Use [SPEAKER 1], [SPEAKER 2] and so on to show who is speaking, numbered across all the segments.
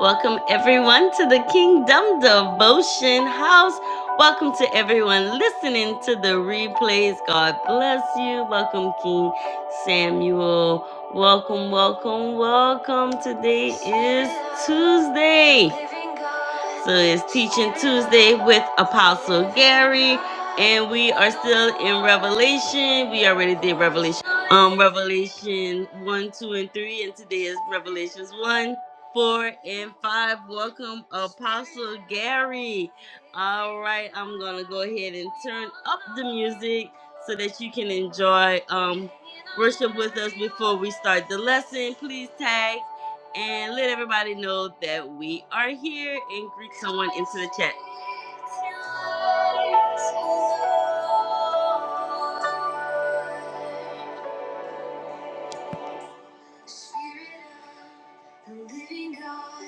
[SPEAKER 1] Welcome, everyone, to the Kingdom Devotion House. Welcome to everyone listening to the replays. God bless you. Welcome, King Samuel. Welcome, welcome, welcome. Today is Tuesday. So it's Teaching Tuesday with Apostle Gary, and we are still in Revelation. We already did Revelation, um, Revelation one, two, and three, and today is Revelations one, four, and five. Welcome, Apostle Gary. All right, I'm gonna go ahead and turn up the music so that you can enjoy um worship with us before we start the lesson. Please tag and let everybody know that we are here and greet someone into the chat. Spirit of the living God,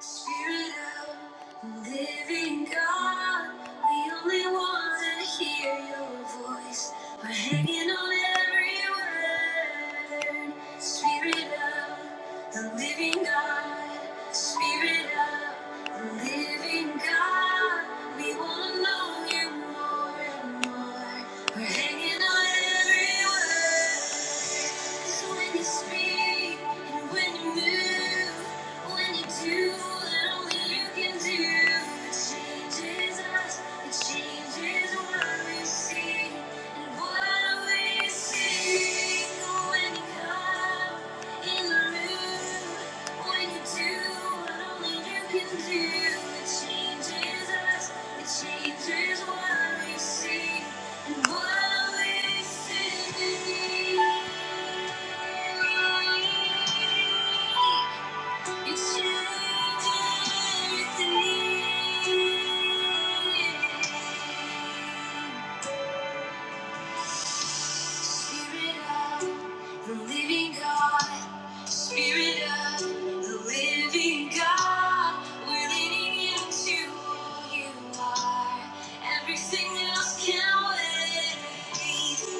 [SPEAKER 1] Spirit of the living God, the only ones that hear your voice are hanging on every word. Spirit of the living God, Spirit of the living God, we want to know you more and more. We're hanging on every word. 'Cause when you speak and when you move, when you do what only you can do, it changes us, it changes what we see and what we see. When you come in the room, when you do what only you can do, it changes us, it changes what we see and what we see. Thank you. Spirit of the living God, Spirit of the living God, we're leaning into who you are. Everything else can wait.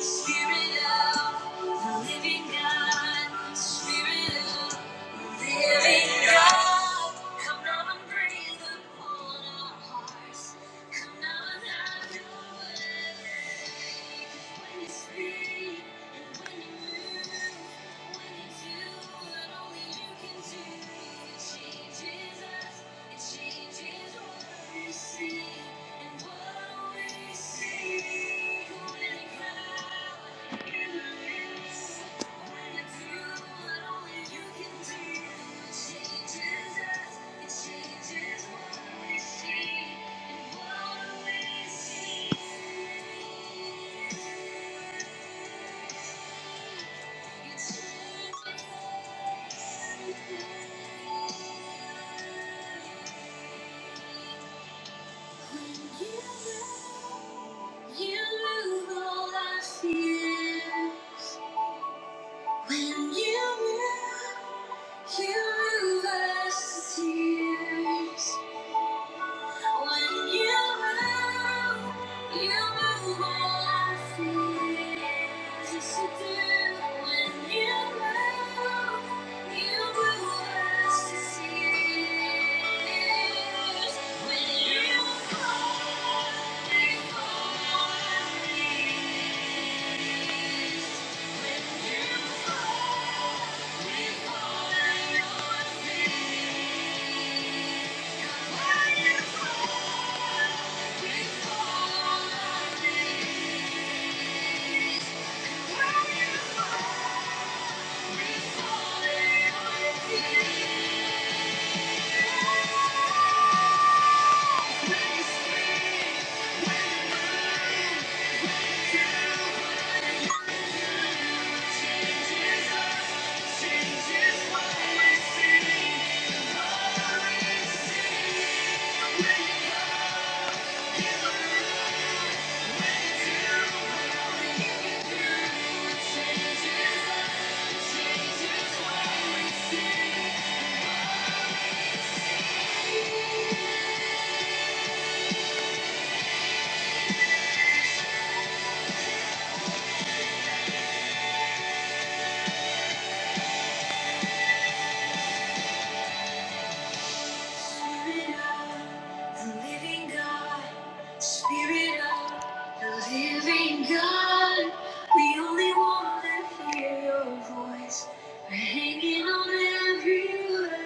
[SPEAKER 1] Spirit of the living God, Spirit of Living God, come down and breathe upon our hearts. Come down and have your way. When you speak and when you move, when you do what only you can do, it changes us, it changes what we see. Thank you. You move all our fears. When you move. You rush the tears. When you move, you move all our fears. Yes, you do. When you move, you move us to tears. When you fall before our fears. When you fall Thank you. Spirit of the living God, we only want to hear your voice. We're hanging on every word.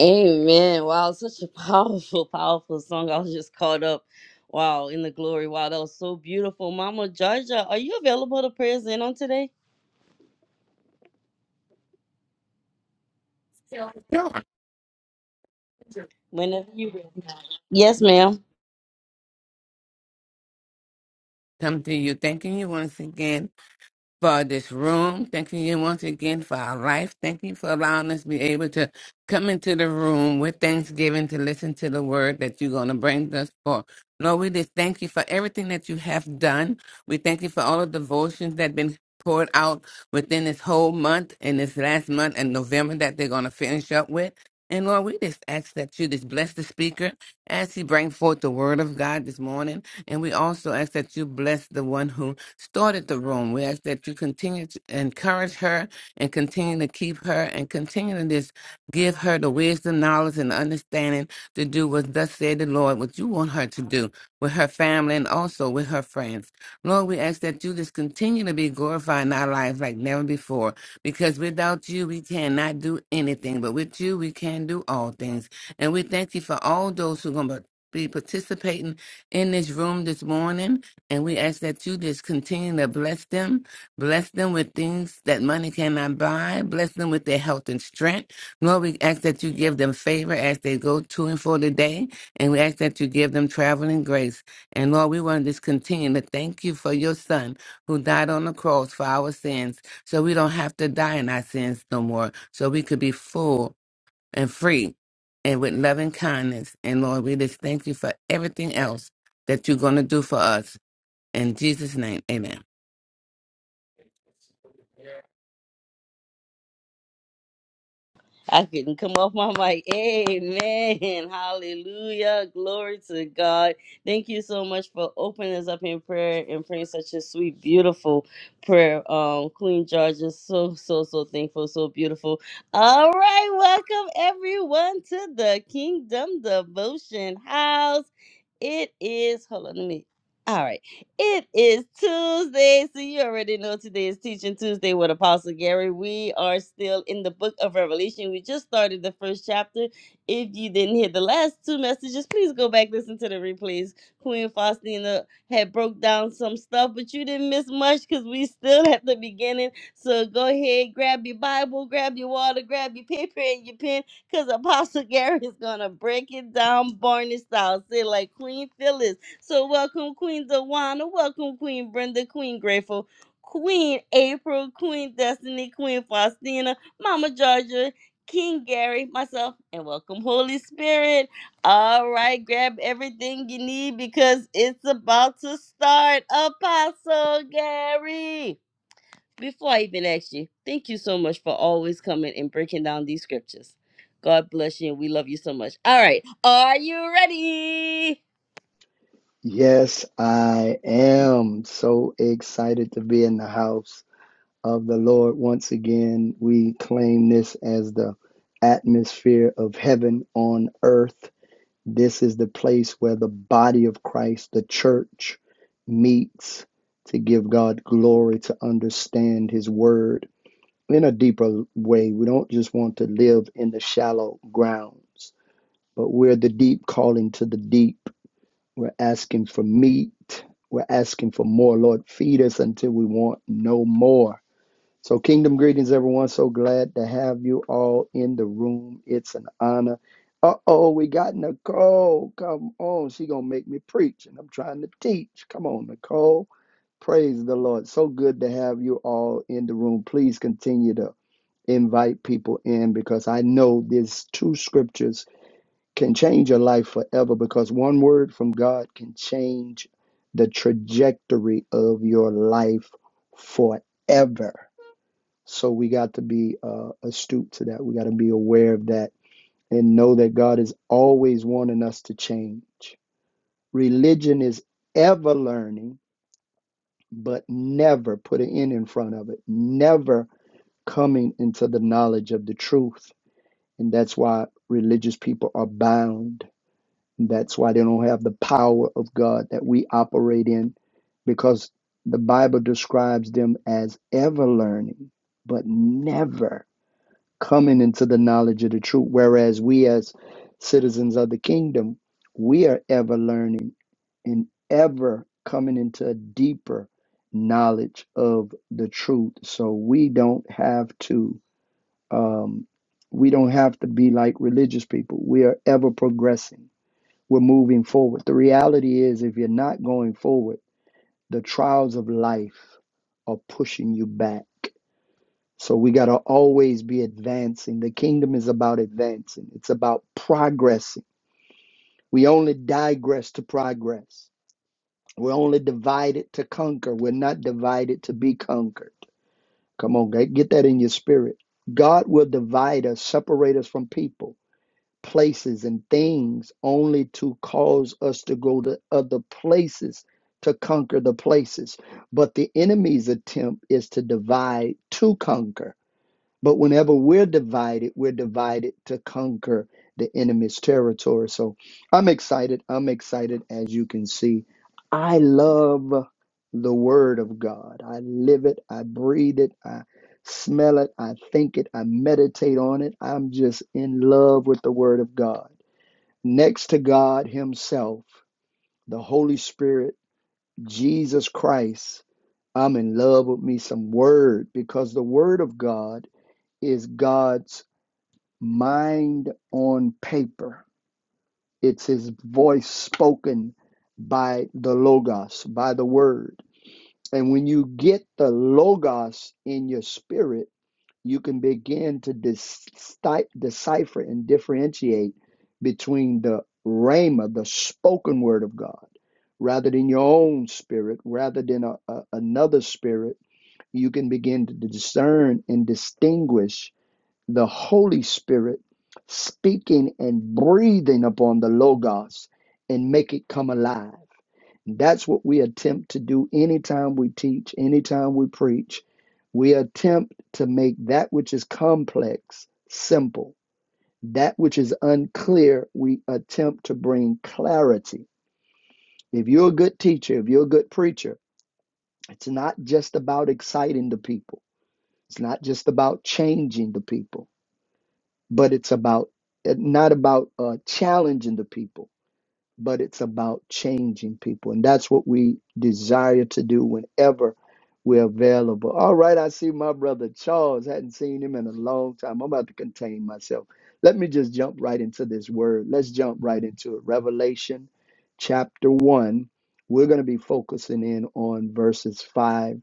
[SPEAKER 1] Amen. Wow, such a powerful, powerful song. I was just caught up. Wow, in the glory. Wow, that was so beautiful. Mama Georgia, are you available to prayers in on today?
[SPEAKER 2] No, Sure.
[SPEAKER 1] Whenever you. Yes, ma'am.
[SPEAKER 2] Come to you, thanking you once again. for this room. Thanking you once again for our life. Thank you for allowing us to be able to come into the room with thanksgiving to listen to the word that you're going to bring us for. Lord, we just thank you for everything that you have done. We thank you for all the devotions that have been poured out within this whole month and this last month and November that they're going to finish up with. And Lord, we just ask that you just bless the speaker as he brings forth the word of God this morning. And we also ask that you bless the one who started the room. We ask that you continue to encourage her and continue to keep her and continue to just give her the wisdom, knowledge, and understanding to do what thus said the Lord, what you want her to do with her family and also with her friends. Lord, we ask that you just continue to be glorified in our lives like never before because without you, we cannot do anything, but with you, we can do all things. And we thank you for all those who are going to be participating in this room this morning. And we ask that you just continue to bless them, bless them with things that money cannot buy, bless them with their health and strength. Lord, we ask that you give them favor as they go to and for the day, and we ask that you give them traveling grace. And Lord, we want to just continue to thank you for your son who died on the cross for our sins, so we don't have to die in our sins no more, so we could be full and free and with loving kindness. And Lord, we just thank you for everything else that you're going to do for us. In Jesus' name, amen.
[SPEAKER 1] I couldn't come off my mic. Amen. Hallelujah. Glory to God. Thank you so much for opening us up in prayer and praying such a sweet, beautiful prayer. Um, Queen George is so, so, so thankful, so beautiful. All right. Welcome everyone to the Kingdom Devotion House. It is, hold on, let me. All right. It is Tuesday, so you already know today is Teaching Tuesday with Apostle Gary. We are still in the book of Revelation. We just started the first chapter. If you didn't hear the last two messages, please go back listen to the replays. Queen Faustina had broke down some stuff, but you didn't miss much because we still at the beginning. So go ahead, grab your Bible, grab your water, grab your paper and your pen, because Apostle Gary is gonna break it down, Barney style. Say like Queen Phyllis. So welcome Queen Dawana, welcome Queen Brenda, Queen Grateful, Queen April, Queen Destiny, Queen Faustina, Mama Georgia, King Gary, myself, and welcome Holy Spirit. All right, grab everything you need because it's about to start. Apostle Gary. Before I even ask you, thank you so much for always coming and breaking down these scriptures. God bless you and we love you so much. All right, are you ready?
[SPEAKER 3] Yes, I am so excited to be in the house of the Lord once again. We claim this as the atmosphere of heaven on earth. This is the place where the body of Christ, the church, meets to give God glory, to understand his word in a deeper way. We don't just want to live in the shallow grounds, but we're the deep calling to the deep we're asking for meat. We're asking for more. Lord, feed us until we want no more. So, kingdom greetings, everyone. So glad to have you all in the room. It's an honor. Uh oh, we got Nicole. Come on. She going to make me preach, and I'm trying to teach. Come on, Nicole. Praise the Lord. So good to have you all in the room. Please continue to invite people in because I know there's two scriptures can change your life forever because one word from God can change the trajectory of your life forever. So we got to be uh, astute to that. We got to be aware of that and know that God is always wanting us to change. Religion is ever learning, but never put an end in front of it, never coming into the knowledge of the truth. And that's why religious people are bound That's why they don't have the power of God that we operate in, because the Bible describes them as ever learning, but never coming into the knowledge of the truth. Whereas we, as citizens of the kingdom, we are ever learning and ever coming into a deeper knowledge of the truth. So we don't have to. Um, we don't have to be like religious people. We are ever progressing we're moving forward. The reality is, if you're not going forward, the trials of life are pushing you back. So we got to always be advancing. The kingdom is about advancing, it's about progressing. We only digress to progress. We're only divided to conquer. We're not divided to be conquered. Come on, get get that in your spirit. God will divide us, separate us from people places and things only to cause us to go to other places to conquer the places. But the enemy's attempt is to divide to conquer. But whenever we're divided, we're divided to conquer the enemy's territory. So I'm excited. I'm excited, as you can see. I love the Word of God. I live it. I breathe it. I smell it. I think it. I meditate on it. I'm just in love with the Word of God. Next to God Himself, the Holy Spirit, Jesus Christ, I'm in love with me some Word because the Word of God is God's mind on paper. It's his voice spoken by the Logos, by the Word. And when you get the Logos in your spirit, you can begin to deci- decipher and differentiate between the Rhema, the spoken word of God, rather than your own spirit, rather than a, a- another spirit. You can begin to discern and distinguish the Holy Spirit speaking and breathing upon the Logos and make it come alive. That's what we attempt to do anytime we teach, anytime we preach. We attempt to make that which is complex simple, that which is unclear, we attempt to bring clarity. If you're a good teacher, if you're a good preacher, it's not just about exciting the people. It's not just about changing the people. but it's about not about uh, challenging the people but it's about changing people. And that's what we desire to do whenever we're available. All right, I see my brother Charles. Hadn't seen him in a long time. I'm about to contain myself. Let me just jump right into this word. Let's jump right into it. Revelation chapter 1. We're going to be focusing in on verses 5,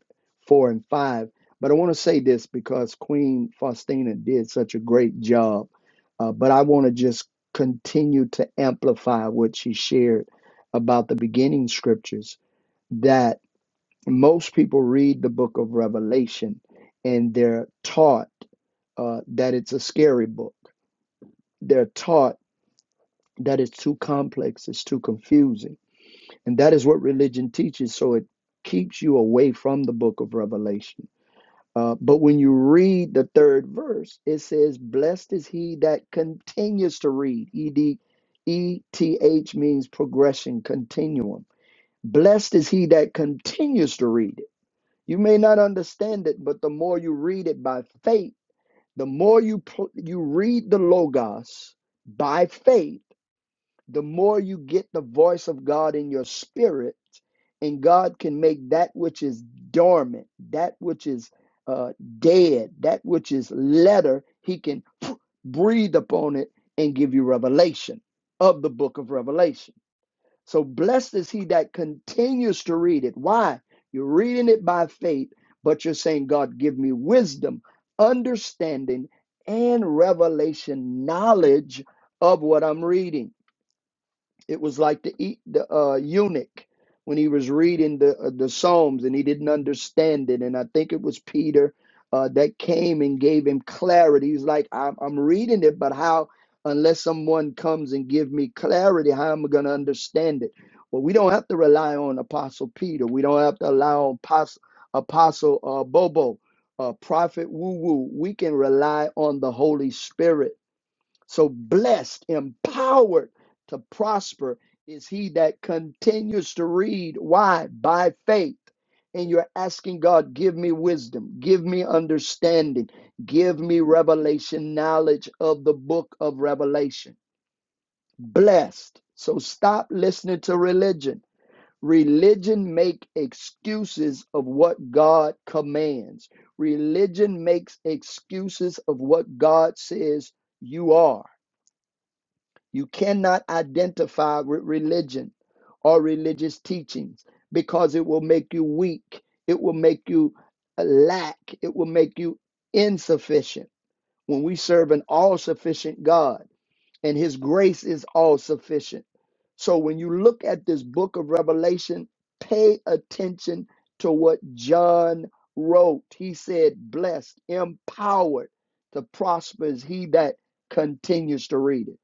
[SPEAKER 3] 4, and 5. But I want to say this because Queen Faustina did such a great job. Uh, but I want to just continue to amplify what she shared about the beginning scriptures that most people read the book of revelation and they're taught uh, that it's a scary book they're taught that it's too complex it's too confusing and that is what religion teaches so it keeps you away from the book of revelation Uh, but when you read the third verse, it says, Blessed is he that continues to read. E D E T H means progression, continuum. Blessed is he that continues to read it. You may not understand it, but the more you read it by faith, the more you, pl- you read the Logos by faith the more you get the voice of God in your spirit, and God can make that which is dormant, that which is uh, dead, that which is letter, He can breathe upon it and give you revelation of the book of Revelation. So blessed is he that continues to read it. Why? You're reading it by faith, but you're saying, God, give me wisdom, understanding, and revelation knowledge of what I'm reading. It was like the e- the uh, eunuch when he was reading the uh, the Psalms and he didn't understand it. And I think it was Peter uh, that came and gave him clarity. He's like, I'm, I'm reading it, but how? Unless someone comes and give me clarity, how am I going to understand it? Well, we don't have to rely on Apostle Peter. We don't have to rely on Apostle, Apostle uh, Bobo, uh, Prophet Woo Woo. We can rely on the Holy Spirit so blessed, empowered to prosper is he that continues to read. Why? By faith. And you're asking God, give me wisdom, give me understanding, give me revelation, knowledge of the book of Revelation. Blessed. So stop listening to religion. Religion make excuses of what God commands. Religion makes excuses of what God says you are. You cannot identify with religion or religious teachings because it will make you weak. It will make you uh, lack. It will make you insufficient. When we serve an all sufficient God and his grace is all sufficient. So when you look at this book of Revelation, pay attention to what John wrote. He said, blessed, empowered to prosper is he that continues to read it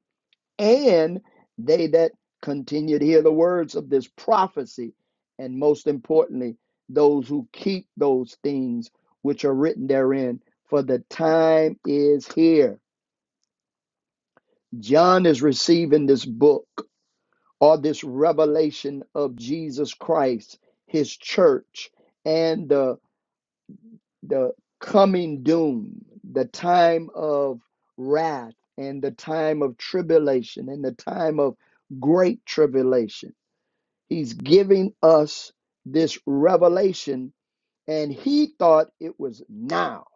[SPEAKER 3] and they that continue to hear the words of this prophecy, and most importantly, those who keep those things which are written therein, for the time is here. John is receiving this book or this revelation of Jesus Christ, his church, and the, the coming doom, the time of wrath, and the time of tribulation, and the time of great tribulation He's giving us this revelation, and he thought it was now.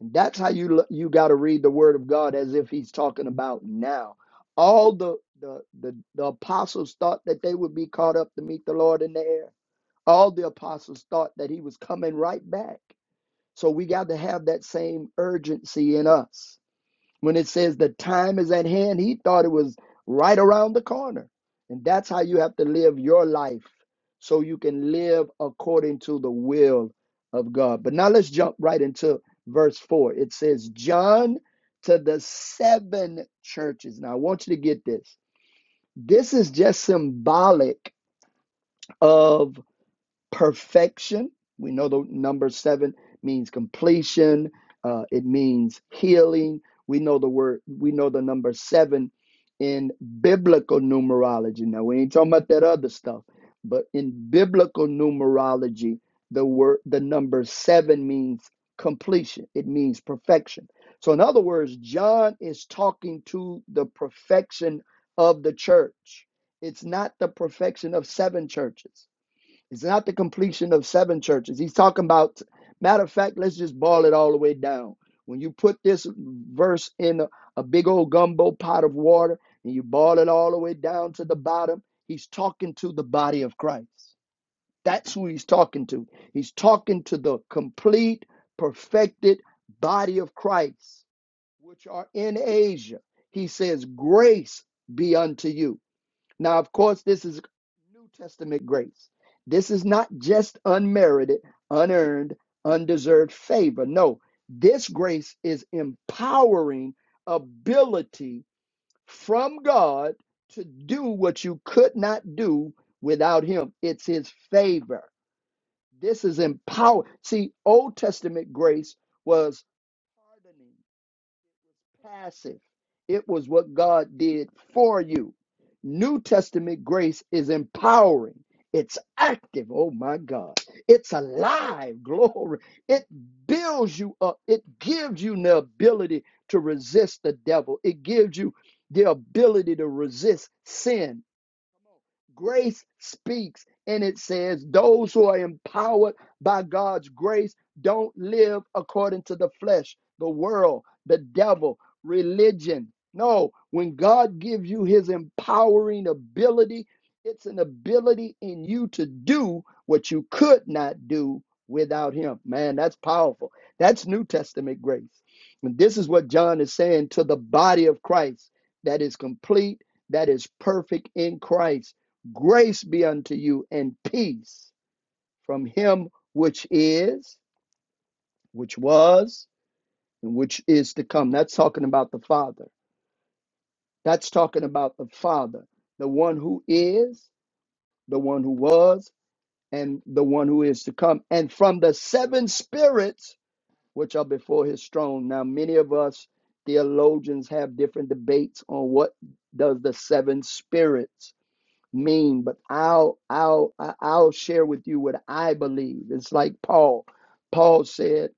[SPEAKER 3] And That's how you lo- you got to read the Word of God as if he's talking about now. All the, the the the apostles thought that they would be caught up to meet the Lord in the air. All the apostles thought that he was coming right back. So we got to have that same urgency in us. When it says the time is at hand, he thought it was right around the corner. And that's how you have to live your life so you can live according to the will of God. But now let's jump right into verse 4. It says, John to the seven churches. Now I want you to get this. This is just symbolic of perfection. We know the number seven means completion. Uh, it means healing. We know the word. We know the number seven in biblical numerology. Now we ain't talking about that other stuff, but in biblical numerology, the word the number seven means completion. It means perfection. So in other words, John is talking to the perfection of the church. It's not the perfection of seven churches it's not the completion of seven churches. He's talking about, matter of fact, let's just boil it all the way down. When you put this verse in a, a big old gumbo pot of water and you boil it all the way down to the bottom, he's talking to the body of Christ. That's who he's talking to. He's talking to the complete, perfected body of Christ, which are in Asia. He says, Grace be unto you. Now, of course, this is New Testament grace. This is not just unmerited, unearned, undeserved favor. No, this grace is empowering ability from God to do what you could not do without Him. It's His favor. This is empower. See, Old Testament grace was hardening passive. It was what God did for you. New Testament grace is empowering. It's active. Oh my God. It's alive. Glory. It builds you up. It gives you the ability to resist the devil. It gives you the ability to resist sin. Grace speaks and it says, Those who are empowered by God's grace don't live according to the flesh, the world, the devil, religion. No, when God gives you his empowering ability, it's an ability in you to do what you could not do without him. Man, that's powerful. That's New Testament grace. And this is what John is saying to the body of Christ that is complete that is perfect in Christ. Grace be unto you and peace from him which is, which was, and which is to come. That's talking about the Father. That's talking about the Father, the one who is, the one who was, and the one who is to come. And from the seven spirits which are before his throne. Now, many of us theologians have different debates on what does the seven spirits mean, but I'll I'll I- will i will i will share with you what I believe. It's like Paul. Paul said,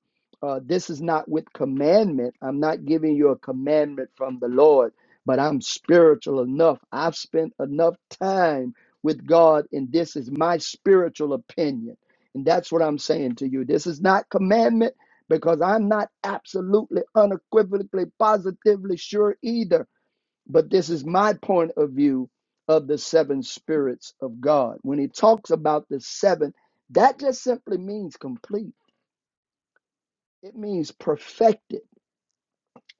[SPEAKER 3] uh, "This is not with commandment. I'm not giving you a commandment from the Lord, but I'm spiritual enough. I've spent enough time with God, and this is my spiritual opinion. And that's what I'm saying to you. This is not commandment." Because I'm not absolutely, unequivocally, positively sure either. But this is my point of view of the seven spirits of God. When he talks about the seven, that just simply means complete, it means perfected.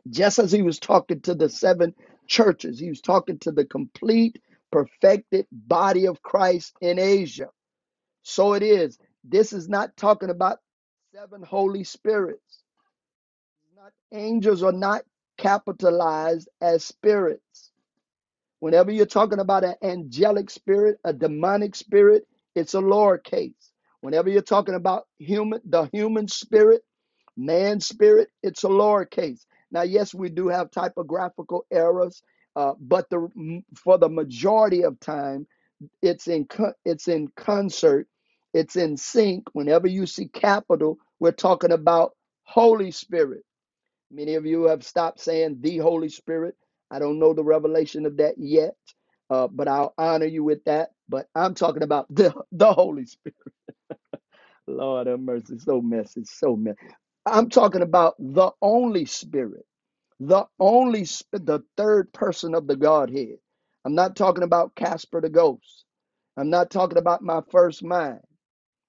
[SPEAKER 3] Just as he was talking to the seven churches, he was talking to the complete, perfected body of Christ in Asia. So it is. This is not talking about seven Holy Spirits. Not, angels are not capitalized as spirits Whenever you're talking about an angelic spirit, a demonic spirit, it's a lowercase. Whenever you're talking about human, the human spirit, man's spirit, it's a lowercase. Now, yes, we do have typographical errors, uh, but the for the majority of time, it's in co- it's in concert, it's in sync. Whenever you see capital, we're talking about Holy Spirit. Many of you have stopped saying the Holy Spirit. I don't know the revelation of that yet, uh, but I'll honor you with that. But I'm talking about the, the Holy Spirit. Lord have mercy. So messy. So messy. I'm talking about the only Spirit, the only, the third person of the Godhead. I'm not talking about Casper the Ghost. I'm not talking about my first mind.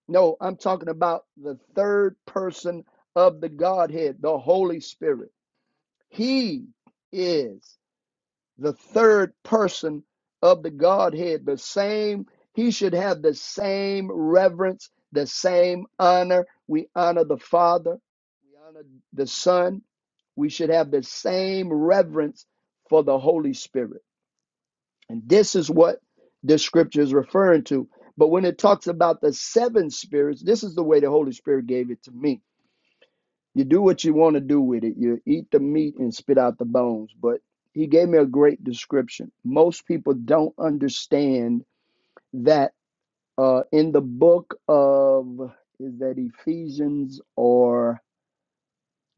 [SPEAKER 3] No, I'm talking about the third person of the Godhead, the Holy Spirit. He is the third person of the Godhead, the same. He should have the same reverence, the same honor. We honor the Father, we honor the Son. We should have the same reverence for the Holy Spirit. And this is what the scripture is referring to. But when it talks about the seven spirits, this is the way the Holy Spirit gave it to me you do what you want to do with it. You eat the meat and spit out the bones. But he gave me a great description. Most people don't understand that uh, in the book of is that Ephesians or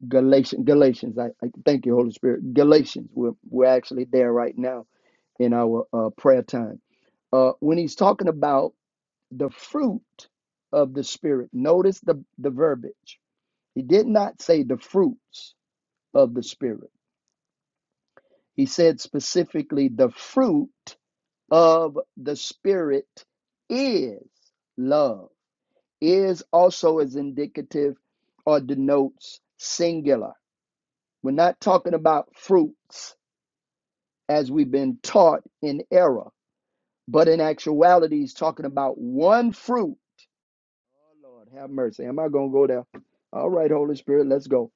[SPEAKER 3] Galatians? Galatians. I, I thank you, Holy Spirit. Galatians. We're we're actually there right now in our uh, prayer time. Uh, when he's talking about the fruit of the Spirit, notice the the verbiage. He did not say the fruits of the Spirit. He said specifically, the fruit of the Spirit is love. Is also is indicative or denotes singular. We're not talking about fruits as we've been taught in error, but in actuality, he's talking about one fruit Oh Lord, have mercy. Am I gonna go there? All right, Holy Spirit, let's go.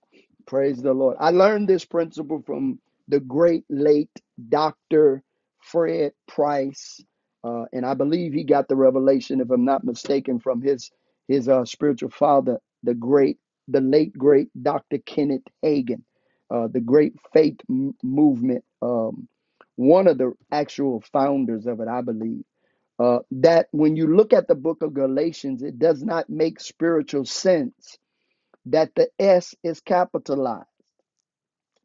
[SPEAKER 3] Praise the Lord. I learned this principle from the great late Dr. Fred Price, uh, and I believe he got the revelation, if I'm not mistaken, from his his uh, spiritual father, the great, the late great Dr. Kenneth Hagin, uh, the great faith m- movement. Um, one of the actual founders of it, I believe uh, that when you look at the book of Galatians, it does not make spiritual sense that the S is capitalized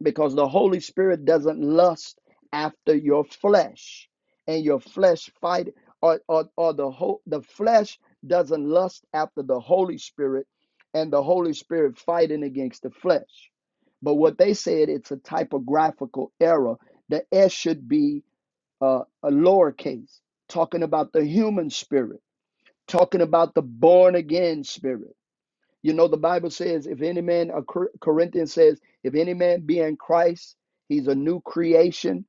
[SPEAKER 3] because the Holy Spirit doesn't lust after your flesh and your flesh fight or, or, or the whole the flesh doesn't lust after the Holy Spirit and the Holy Spirit fighting against the flesh. But what they said, it's a typographical error. The S should be uh, a lowercase, talking about the human spirit talking about the born again spirit. You know, the Bible says, if any man, uh, Cor- Corinthians says, if any man be in Christ, he's a new creation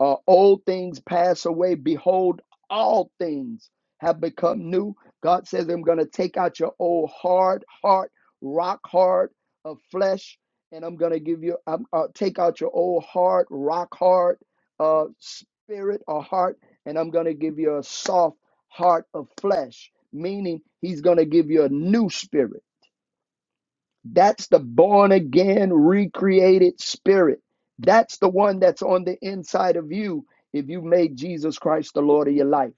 [SPEAKER 3] uh, old things pass away. Behold, all things have become new. God says, I'm going to take out your old hard heart, rock hard of flesh, and I'm going to give you, I'm, uh, take out your old hard, rock hard uh, spirit or heart, and I'm going to give you a soft heart of flesh, meaning He's going to give you a new spirit. That's the born again, recreated spirit. That's the one that's on the inside of you if you made Jesus Christ the Lord of your life.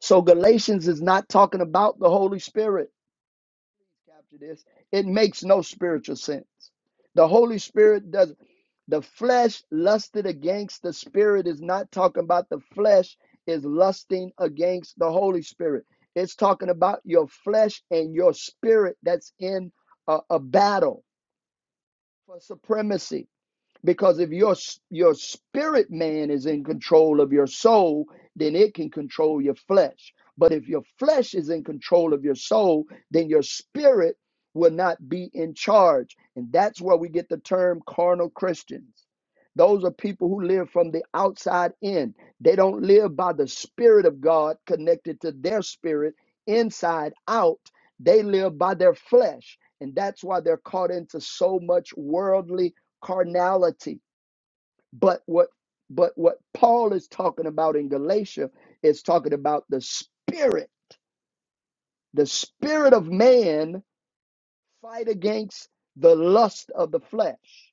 [SPEAKER 3] So Galatians is not talking about the Holy Spirit. Capture this. It makes no spiritual sense. The Holy Spirit does the flesh lusted against the spirit is not talking about the flesh is lusting against the Holy Spirit. It's talking about your flesh and your spirit that's in a, a battle for supremacy because if your your spirit man is in control of your soul then it can control your flesh but if your flesh is in control of your soul then your spirit will not be in charge and that's where we get the term carnal christians those are people who live from the outside in they don't live by the spirit of god connected to their spirit inside out they live by their flesh and that's why they're caught into so much worldly carnality. But what but what Paul is talking about in Galatia is talking about the spirit. The spirit of man fight against the lust of the flesh.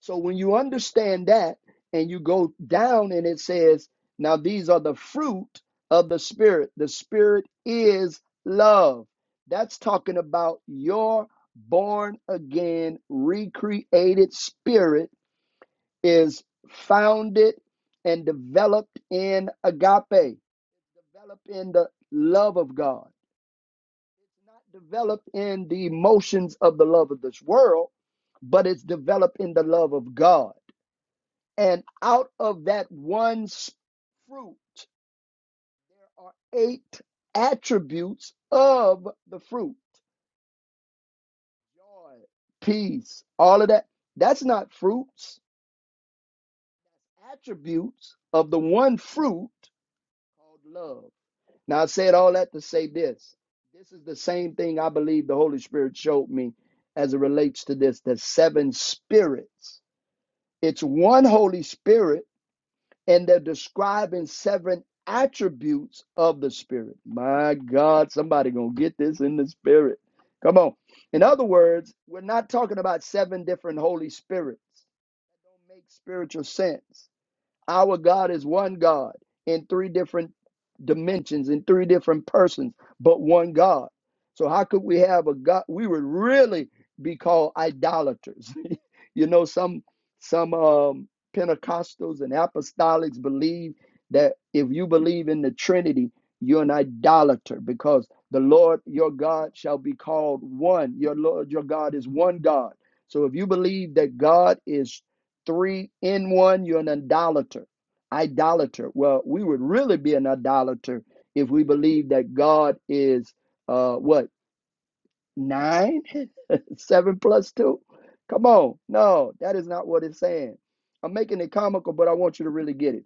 [SPEAKER 3] So when you understand that and you go down and it says, now these are the fruit of the spirit. The spirit is love. That's talking about your born again recreated spirit is founded and developed in agape, developed in the love of God. It's not developed in the emotions of the love of this world, but it's developed in the love of God. And out of that one fruit, there are eight attributes of the fruit joy, peace, all of that. That's not fruits, attributes of the one fruit called love. Now, I said all that to say this. This is the same thing I believe the Holy Spirit showed me as it relates to this the seven spirits. It's one Holy Spirit, and they're describing seven attributes of the Spirit. My God, somebody gonna get this in the Spirit. Come on. In other words, we're not talking about seven different Holy Spirits. It don't make spiritual sense. Our God is one God in three different dimensions, in three different persons, but one God. So how could we have a God? We would really be called idolaters. you know, some some um, Pentecostals and apostolics believe that if you believe in the Trinity, you're an idolater because the Lord your God shall be called one. Your Lord your God is one God. So if you believe that God is three in one, you're an idolater. Idolater. Well, we would really be an idolater if we believe that God is uh what nine? Seven plus two? Come on. No, that is not what it's saying. I'm making it comical, but I want you to really get it.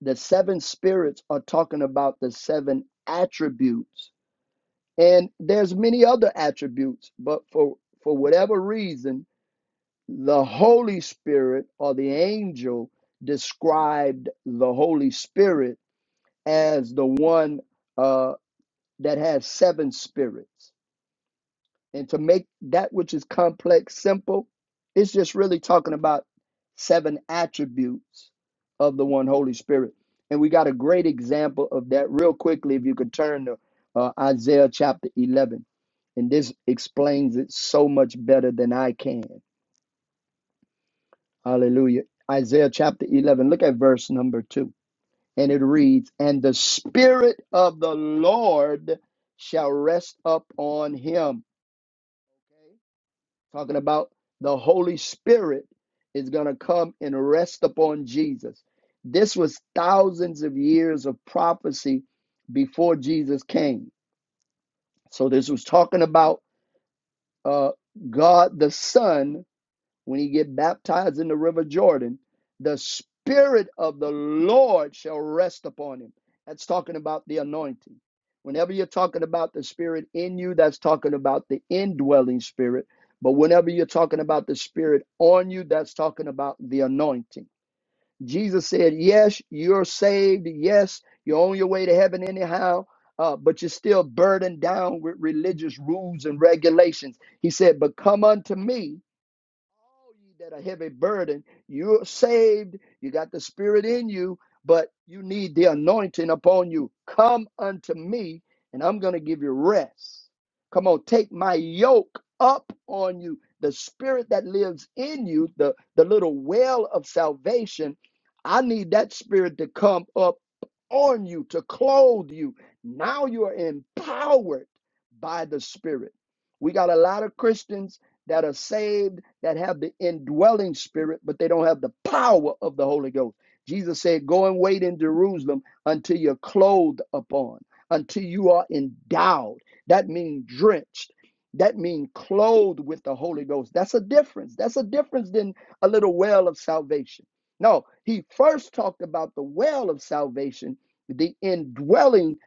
[SPEAKER 3] The seven spirits are talking about the seven attributes. And there's many other attributes, but for for whatever reason, the Holy Spirit or the angel described the Holy Spirit as the one uh, that has seven spirits. And to make that which is complex simple, it's just really talking about seven attributes of the one Holy Spirit. And we got a great example of that real quickly if you could turn to uh, Isaiah chapter 11. And this explains it so much better than I can. Hallelujah. Isaiah chapter 11, look at verse number 2. And it reads, And the Spirit of the Lord shall rest up on him. Talking about the Holy Spirit is going to come and rest upon Jesus. This was thousands of years of prophecy before Jesus came. So this was talking about uh, God the Son when he get baptized in the river jordan the spirit of the lord shall rest upon him that's talking about the anointing whenever you're talking about the spirit in you that's talking about the indwelling spirit but whenever you're talking about the spirit on you that's talking about the anointing jesus said yes you're saved yes you're on your way to heaven anyhow uh, but you're still burdened down with religious rules and regulations he said but come unto me all ye that are heavy burden, you're saved, you got the spirit in you, but you need the anointing upon you. Come unto me, and I'm going to give you rest. Come on, take my yoke up on you. The spirit that lives in you, the, the little well of salvation, I need that spirit to come up on you, to clothe you. Now you are empowered by the spirit. We got a lot of Christians that are saved, that have the indwelling spirit, but they don't have the power of the Holy Ghost. Jesus said, Go and wait in Jerusalem until you're clothed upon, until you are endowed. That means drenched. That means clothed with the Holy Ghost. That's a difference. That's a difference than a little well of salvation. No, he first talked about the well of salvation, the indwelling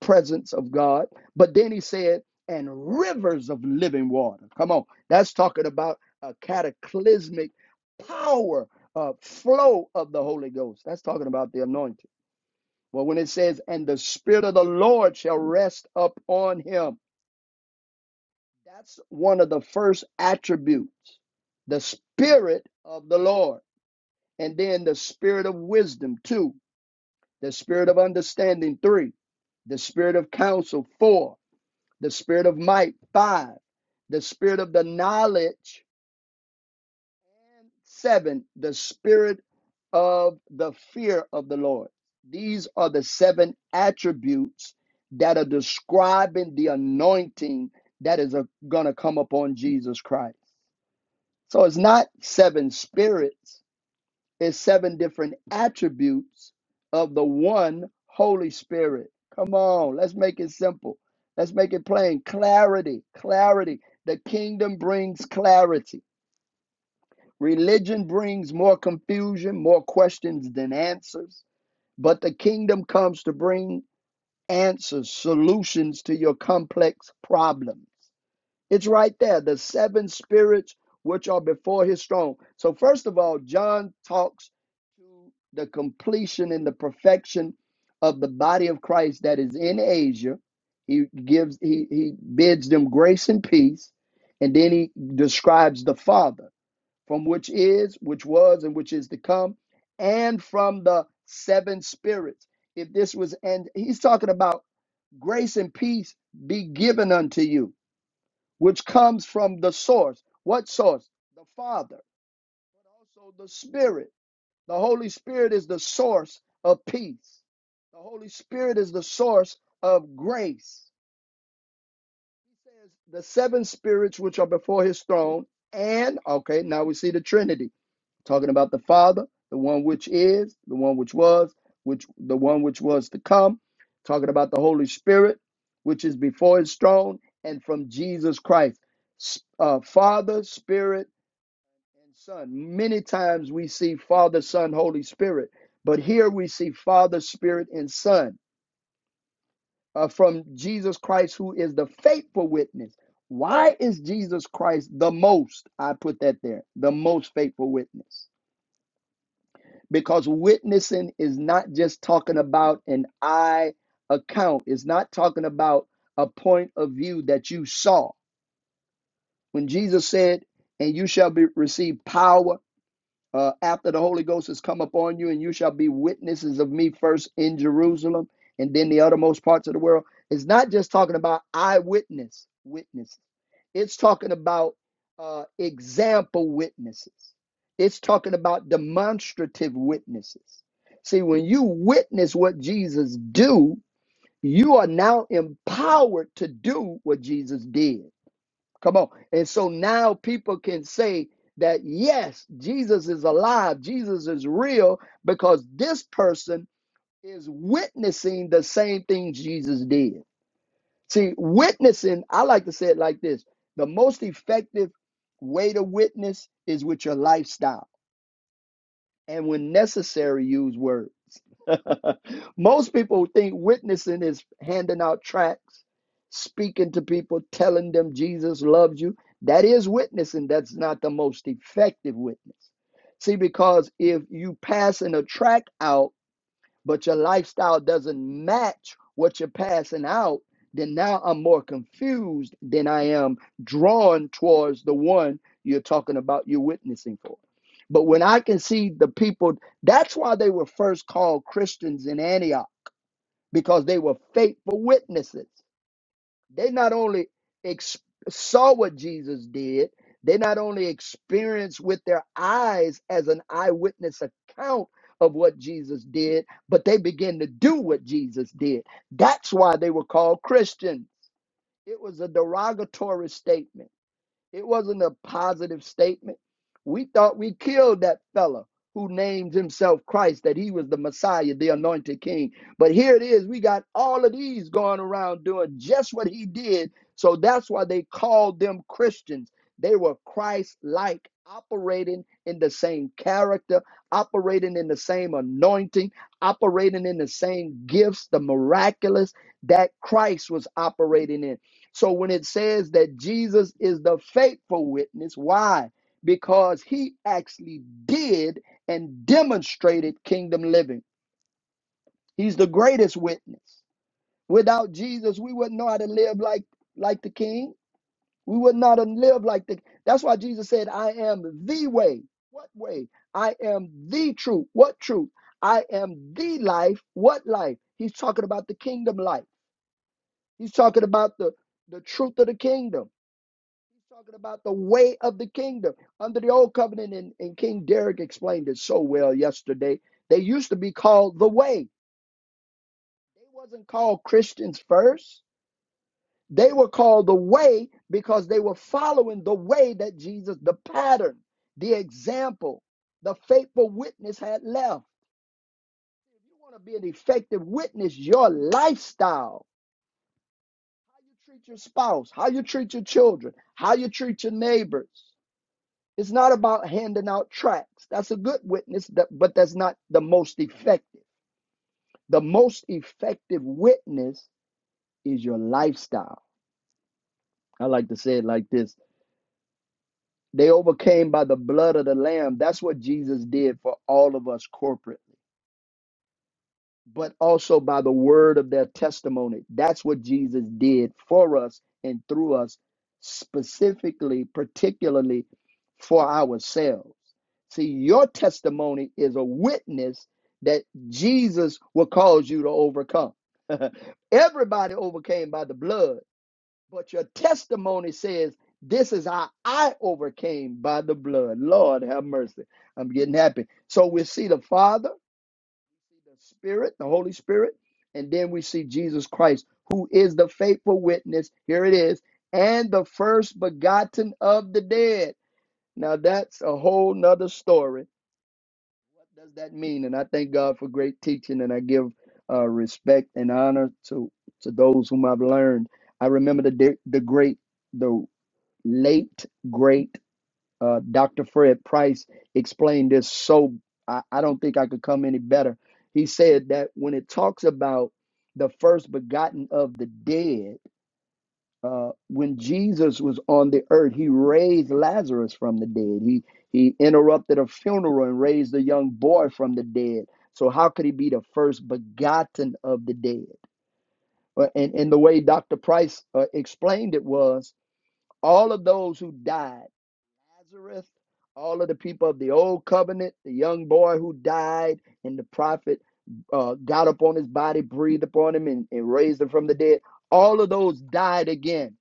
[SPEAKER 3] presence of God, but then he said, and rivers of living water. Come on that's talking about a cataclysmic power, uh, flow of the Holy Ghost. That's talking about the anointing. Well, when it says, and the Spirit of the Lord shall rest upon him, that's one of the first attributes the Spirit of the Lord, and then the Spirit of wisdom, two, the Spirit of understanding, three, the Spirit of counsel, four, the Spirit of might, five, the Spirit of the knowledge Seven, the spirit of the fear of the Lord. These are the seven attributes that are describing the anointing that is going to come upon Jesus Christ. So it's not seven spirits, it's seven different attributes of the one Holy Spirit. Come on, let's make it simple. Let's make it plain. Clarity, clarity. The kingdom brings clarity Religion brings more confusion, more questions than answers, but the kingdom comes to bring answers, solutions to your complex problems. It's right there, the seven spirits which are before his throne. So, first of all, John talks to the completion and the perfection of the body of Christ that is in Asia. He gives, he, he bids them grace and peace, and then he describes the Father from which is, which was, and which is to come, and from the seven spirits. If this was, and he's talking about grace and peace be given unto you, which comes from the source. What source? The Father, but also the Spirit. The Holy Spirit is the source of peace. The Holy Spirit is the source of grace. He says, the seven spirits which are before his throne, and, okay, now we see the Trinity talking about the Father, the one which is, the one which was, which the one which was to come, talking about the Holy Spirit, which is before his throne, and from Jesus Christ. S- Uh, Father, Spirit, and Son. Many times we see Father, Son, Holy Spirit, but here we see Father, Spirit, and Son uh, from Jesus Christ, who is the faithful witness. Why is Jesus Christ the most? I put that there, the most faithful witness because witnessing is not just talking about an eye account it's not talking about a point of view that you saw when jesus said and you shall be receive power uh, after the Holy Ghost has come upon you, and you shall be witnesses of me first in Jerusalem and then the uttermost parts of the world. It's not just talking about eyewitness witnesses, it's talking about uh, example witnesses, it's talking about demonstrative witnesses. See, when you witness what Jesus do, you are now empowered to do what Jesus did. Come on. And so now people can say that, yes, Jesus is alive, Jesus is real, because this person is witnessing the same thing Jesus did. See, witnessing, I like to say it like this the most effective way to witness is with your lifestyle and when necessary, use words. Most people think witnessing is handing out tracts, speaking to people, telling them Jesus loves you. That is witnessing. That's not the most effective witness. See, because if you passing a tract out, but your lifestyle doesn't match what you're passing out, then now I'm more confused than I am drawn towards the one you're talking about, you're witnessing for. But when I can see the people, that's why they were first called Christians in Antioch, because they were faithful witnesses they not only ex- saw what Jesus did, they not only experienced with their eyes as an eyewitness account of what Jesus did, but they began to do what Jesus did. That's why they were called Christians. It was a derogatory statement it wasn't a positive statement. We thought we killed that fella who named himself Christ, that he was the Messiah, the anointed king. But here it is. We got all of these going around doing just what he did. So that's why they called them Christians. They were Christ like, operating in the same character, operating in the same anointing, operating in the same gifts, the miraculous that Christ was operating in. So when it says that Jesus is the faithful witness, why? Because he actually did and demonstrated kingdom living. He's the greatest witness. Without Jesus, we wouldn't know how to live like like the king. We would not have lived like the That's why Jesus said, "I am the way." What way? I am the truth. What truth? I am the life. What life? He's talking about the kingdom life. He's talking about the the truth of the kingdom. He's talking about the way of the kingdom under the old covenant, and, and King Derek explained it so well yesterday. They used to be called the way. They wasn't called Christians first. They were called the way because they were following the way that Jesus, the pattern, the example, the faithful witness had left. If you want to be an effective witness, your lifestyle, how you treat your spouse, how you treat your children, how you treat your neighbors It's not about handing out tracts. That's a good witness, but that's not the most effective. The most effective witness is your lifestyle. I like to say it like this they overcame by the blood of the Lamb. That's what Jesus did for all of us corporately. but also by the word of their testimony. That's what Jesus did for us and through us, specifically, particularly for ourselves. See, your testimony is a witness that Jesus will cause you to overcome. Everybody overcame by the blood, but your testimony says, This is how I overcame by the blood. Lord have mercy. I'm getting happy. So we see the Father the Spirit, the Holy Spirit, and then we see Jesus Christ, who is the faithful witness. Here it is, and the first begotten of the dead. Now that's a whole nother story. What does that mean? And I thank God for great teaching, and I give uh, respect and honor to to those whom I've learned. I remember the de- the great, the late great. Uh, Dr. Fred Price explained this so I, I don't think I could come any better. He said that when it talks about the first begotten of the dead, uh, when Jesus was on the earth, he raised Lazarus from the dead. He he interrupted a funeral and raised a young boy from the dead. So how could he be the first begotten of the dead? Uh, And and the way Dr. Price uh, explained it was all of those who died. Nazareth, all of the people of the old covenant, the young boy who died, and the prophet uh, got upon his body, breathed upon him, and, and raised him from the dead. All of those died again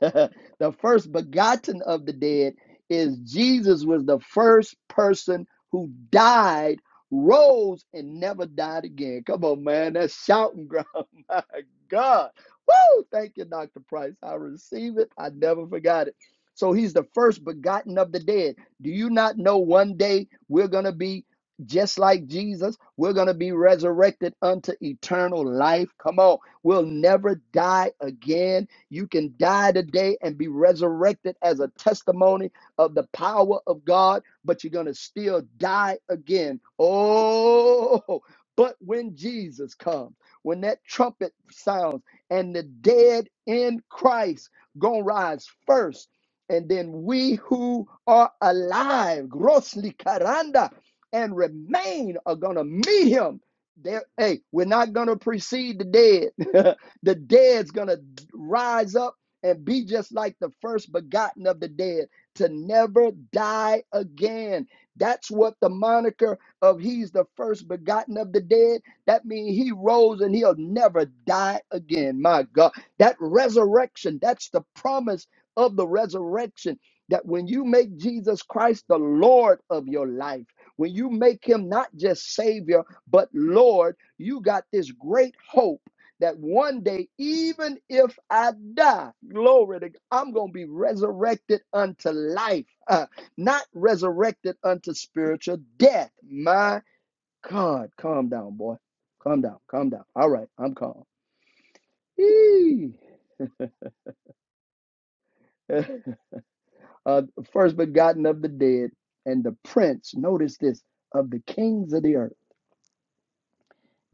[SPEAKER 3] the first begotten of the dead is Jesus was the first person who died, rose, and never died again. Come on, man. That's shouting ground. My God. Woo! Thank you, Dr. Price. I receive it. I never forgot it. So he's the first begotten of the dead. Do you not know one day we're going to be just like Jesus? We're going to be resurrected unto eternal life. Come on. We'll never die again you can die today and be resurrected as a testimony of the power of God, but you're going to still die again. Oh, but when Jesus comes, when that trumpet sounds and the dead in Christ going to rise first, and then we who are alive, grossly caranda, and remain are going to meet him there hey we're not going to precede the dead The dead's going to rise up and be just like the first begotten of the dead to never die again. That's what the moniker of he's the first begotten of the dead. That means he rose and he'll never die again. My God, that resurrection, that's the promise of the resurrection. That when you make Jesus Christ the Lord of your life, when you make him not just Savior, but Lord, you got this great hope that one day, even if I die, glory to God, I'm going to be resurrected unto life, uh, not resurrected unto spiritual death. My God, calm down, boy. Calm down, calm down. All right, I'm calm. Yee. uh, first begotten of the dead and the prince, notice this, of the kings of the earth.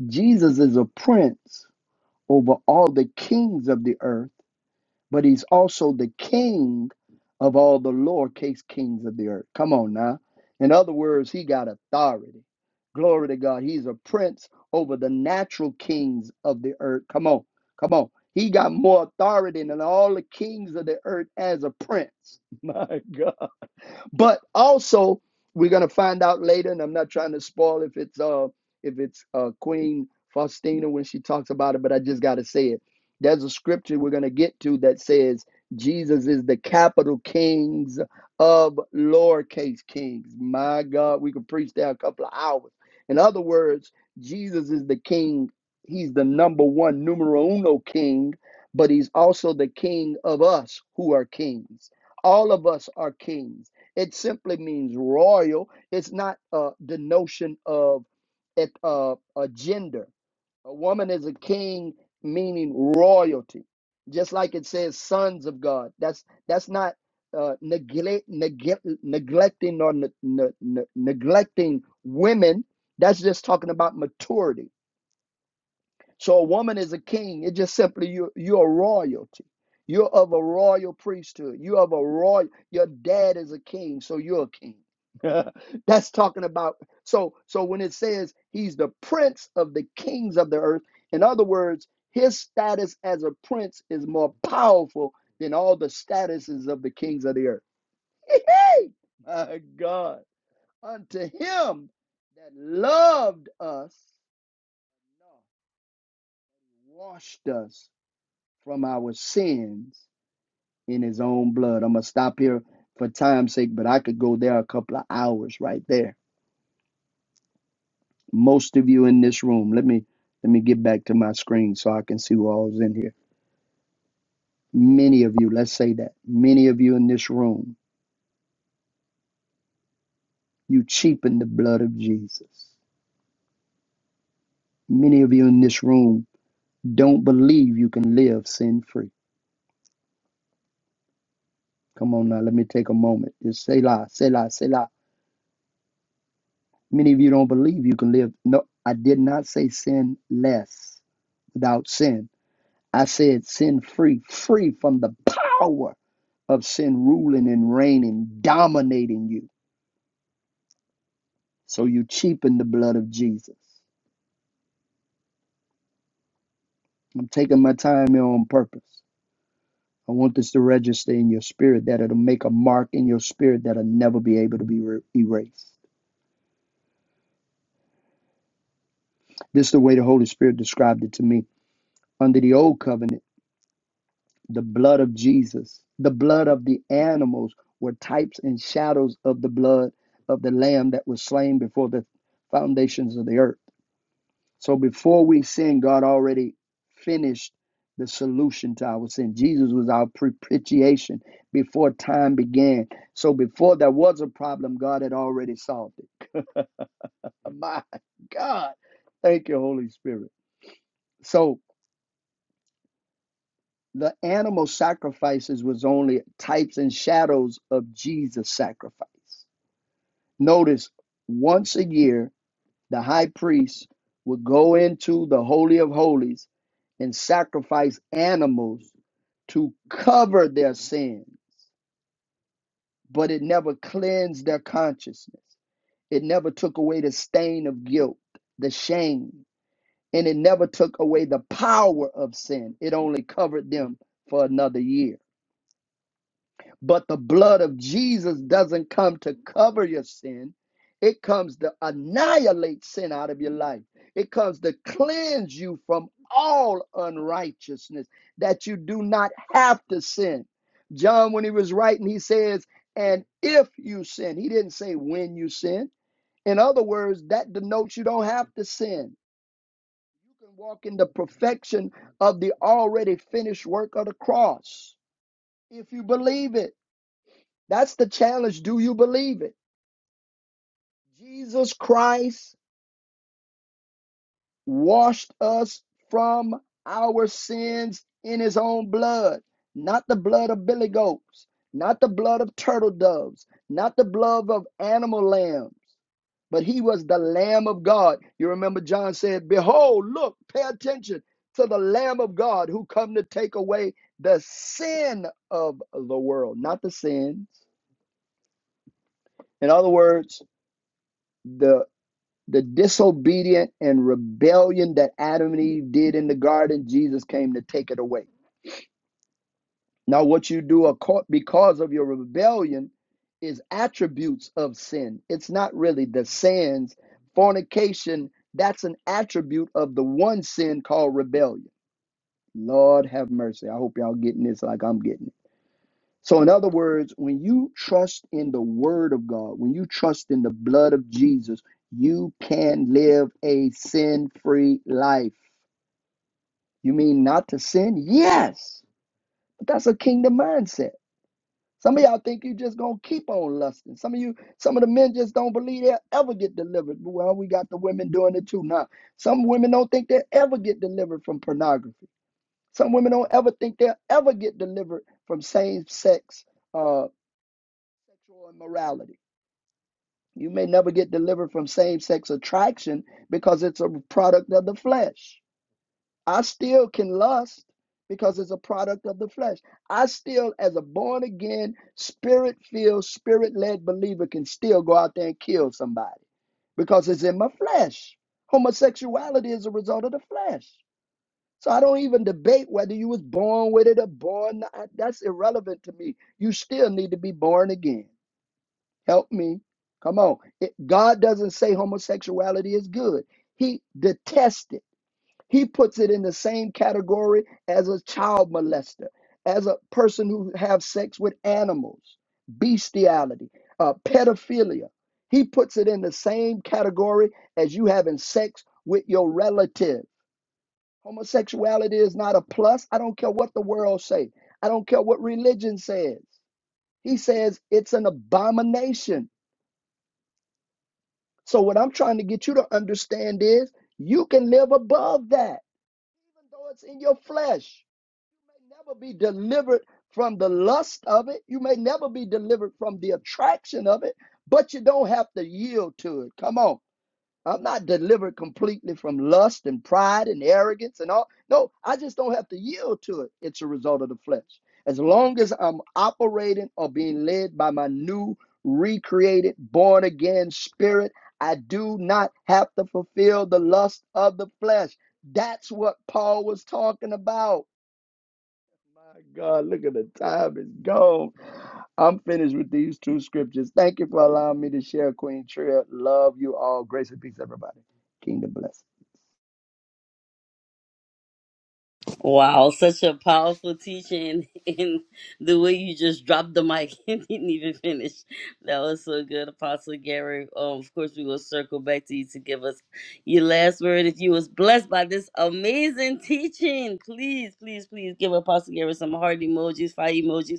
[SPEAKER 3] Jesus is a prince over all the kings of the earth but he's also the king of all the lowercase kings of the earth. Come on now. In other words, he got authority. Glory to God. He's a prince over the natural kings of the earth. Come on. Come on. He got more authority than all the kings of the earth as a prince. My God. But also, we're gonna find out later, and I'm not trying to spoil if it's uh if it's uh Queen Faustina when she talks about it, but I just gotta say it. There's a scripture we're gonna get to that says Jesus is the capital kings of lowercase kings. My God, we could preach that a couple of hours. In other words, Jesus is the king. He's the number one, numero uno king, but he's also the king of us who are kings. All of us are kings it simply means royal. It's not uh, the notion of it, uh, a gender. A woman is a king, meaning royalty. Just like it says, sons of God. That's that's not uh, neglect, neglect, neglecting or ne- ne- ne- neglecting women. That's just talking about maturity so a woman is a king. It just simply you you're royalty. You're of a royal priesthood. You're of a royal your dad is a king, so you're a king. That's talking about so so when it says he's the prince of the kings of the earth, in other words, his status as a prince is more powerful than all the statuses of the kings of the earth. Hey, my God, unto him that loved us, washed us from our sins in his own blood. I'm going to stop here for time's sake, but I could go there a couple of hours right there. Most of you in this room, let me let me get back to my screen so I can see who all is in here. Many of you, let's say that. Many of you in this room, you cheapen the blood of Jesus. Many of you in this room don't believe you can live sin free. Come on now, let me take a moment. Just say la, say la, say la. Many of you don't believe you can live. No, I did not say sin less without sin. I said sin free, free from the power of sin ruling and reigning, dominating you. So you cheapen the blood of Jesus. I'm taking my time here on purpose. I want this to register in your spirit that it'll make a mark in your spirit that'll never be able to be re- erased. This is the way the Holy Spirit described it to me. Under the old covenant, the blood of Jesus, the blood of the animals were types and shadows of the blood of the lamb that was slain before the foundations of the earth. So before we sin, God already finished the solution to our sin. Jesus was our propitiation before time began. So before there was a problem, God had already solved it. My God. Thank you, Holy Spirit. So the animal sacrifices was only types and shadows of Jesus' sacrifice. Notice once a year, the high priest would go into the Holy of Holies and sacrifice animals to cover their sin, but it never cleansed their consciousness. It never took away the stain of guilt, the shame, and it never took away the power of sin. It only covered them for another year. But the blood of Jesus doesn't come to cover your sin. It comes to annihilate sin out of your life. It comes to cleanse you from all unrighteousness that you do not have to sin. John, when he was writing, he says, and if you sin, he didn't say when you sin. In other words, that denotes you don't have to sin. You can walk in the perfection of the already finished work of the cross if you believe it. That's the challenge. Do you believe it? Jesus Christ washed us from our sins in his own blood, not the blood of billy goats, not the blood of turtle doves, not the blood of animal lambs, but he was the Lamb of God. You remember John said, Behold, look, pay attention to the Lamb of God who come to take away the sin of the world, not the sins. In other words, the The disobedient and rebellion that Adam and Eve did in the garden, Jesus came to take it away. Now, what you do because of your rebellion is attributes of sin. It's not really the sins. Fornication, that's an attribute of the one sin called rebellion. Lord have mercy. I hope y'all getting this like I'm getting it. So, in other words, when you trust in the Word of God, when you trust in the blood of Jesus, you can live a sin free life. You mean not to sin? Yes, but that's a kingdom mindset. Some of y'all think you just gonna keep on lusting. Some of you, some of the men just don't believe they'll ever get delivered. Well, we got the women doing it too now. Some women don't think they'll ever get delivered from pornography. Some women don't ever think they'll ever get delivered from same sex uh, sexual immorality. You may never get delivered from same sex attraction because it's a product of the flesh. I still can lust because it's a product of the flesh. I still, as a born again, spirit filled, spirit led believer, can still go out there and kill somebody because it's in my flesh. Homosexuality is a result of the flesh. So I don't even debate whether you was born with it or born not. That's irrelevant to me. You still need to be born again. Help me. Come on. It- God doesn't say homosexuality is good, He detests it. He puts it in the same category as a child molester, as a person who have sex with animals, bestiality, uh, pedophilia. He puts it in the same category as you having sex with your relative. Homosexuality is not a plus. I don't care what the world say. I don't care what religion says. He says it's an abomination. So what I'm trying to get you to understand is you can live above that, even though it's in your flesh. You may never be delivered from the lust of it. You may never be delivered from the attraction of it, but you don't have to yield to it. Come on. I'm not delivered completely from lust and pride and arrogance and all. No, I just don't have to yield to it. It's a result of the flesh. As long as I'm operating or being led by my new, recreated, born again spirit, I do not have to fulfill the lust of the flesh. That's what Paul was talking about. My God, look at the time. It's gone. I'm finished with these two scriptures. Thank you for allowing me to share, Queen Tria. Love you all. Grace and peace, everybody. Kingdom bless.
[SPEAKER 1] Wow, such a powerful teaching, and the way you just dropped the mic and didn't even finish. That was so good, Apostle Gary. Um, of course, we will circle back to you to give us your last word. If you was blessed by this amazing teaching, please, please, please give Apostle Gary some heart emojis, fire emojis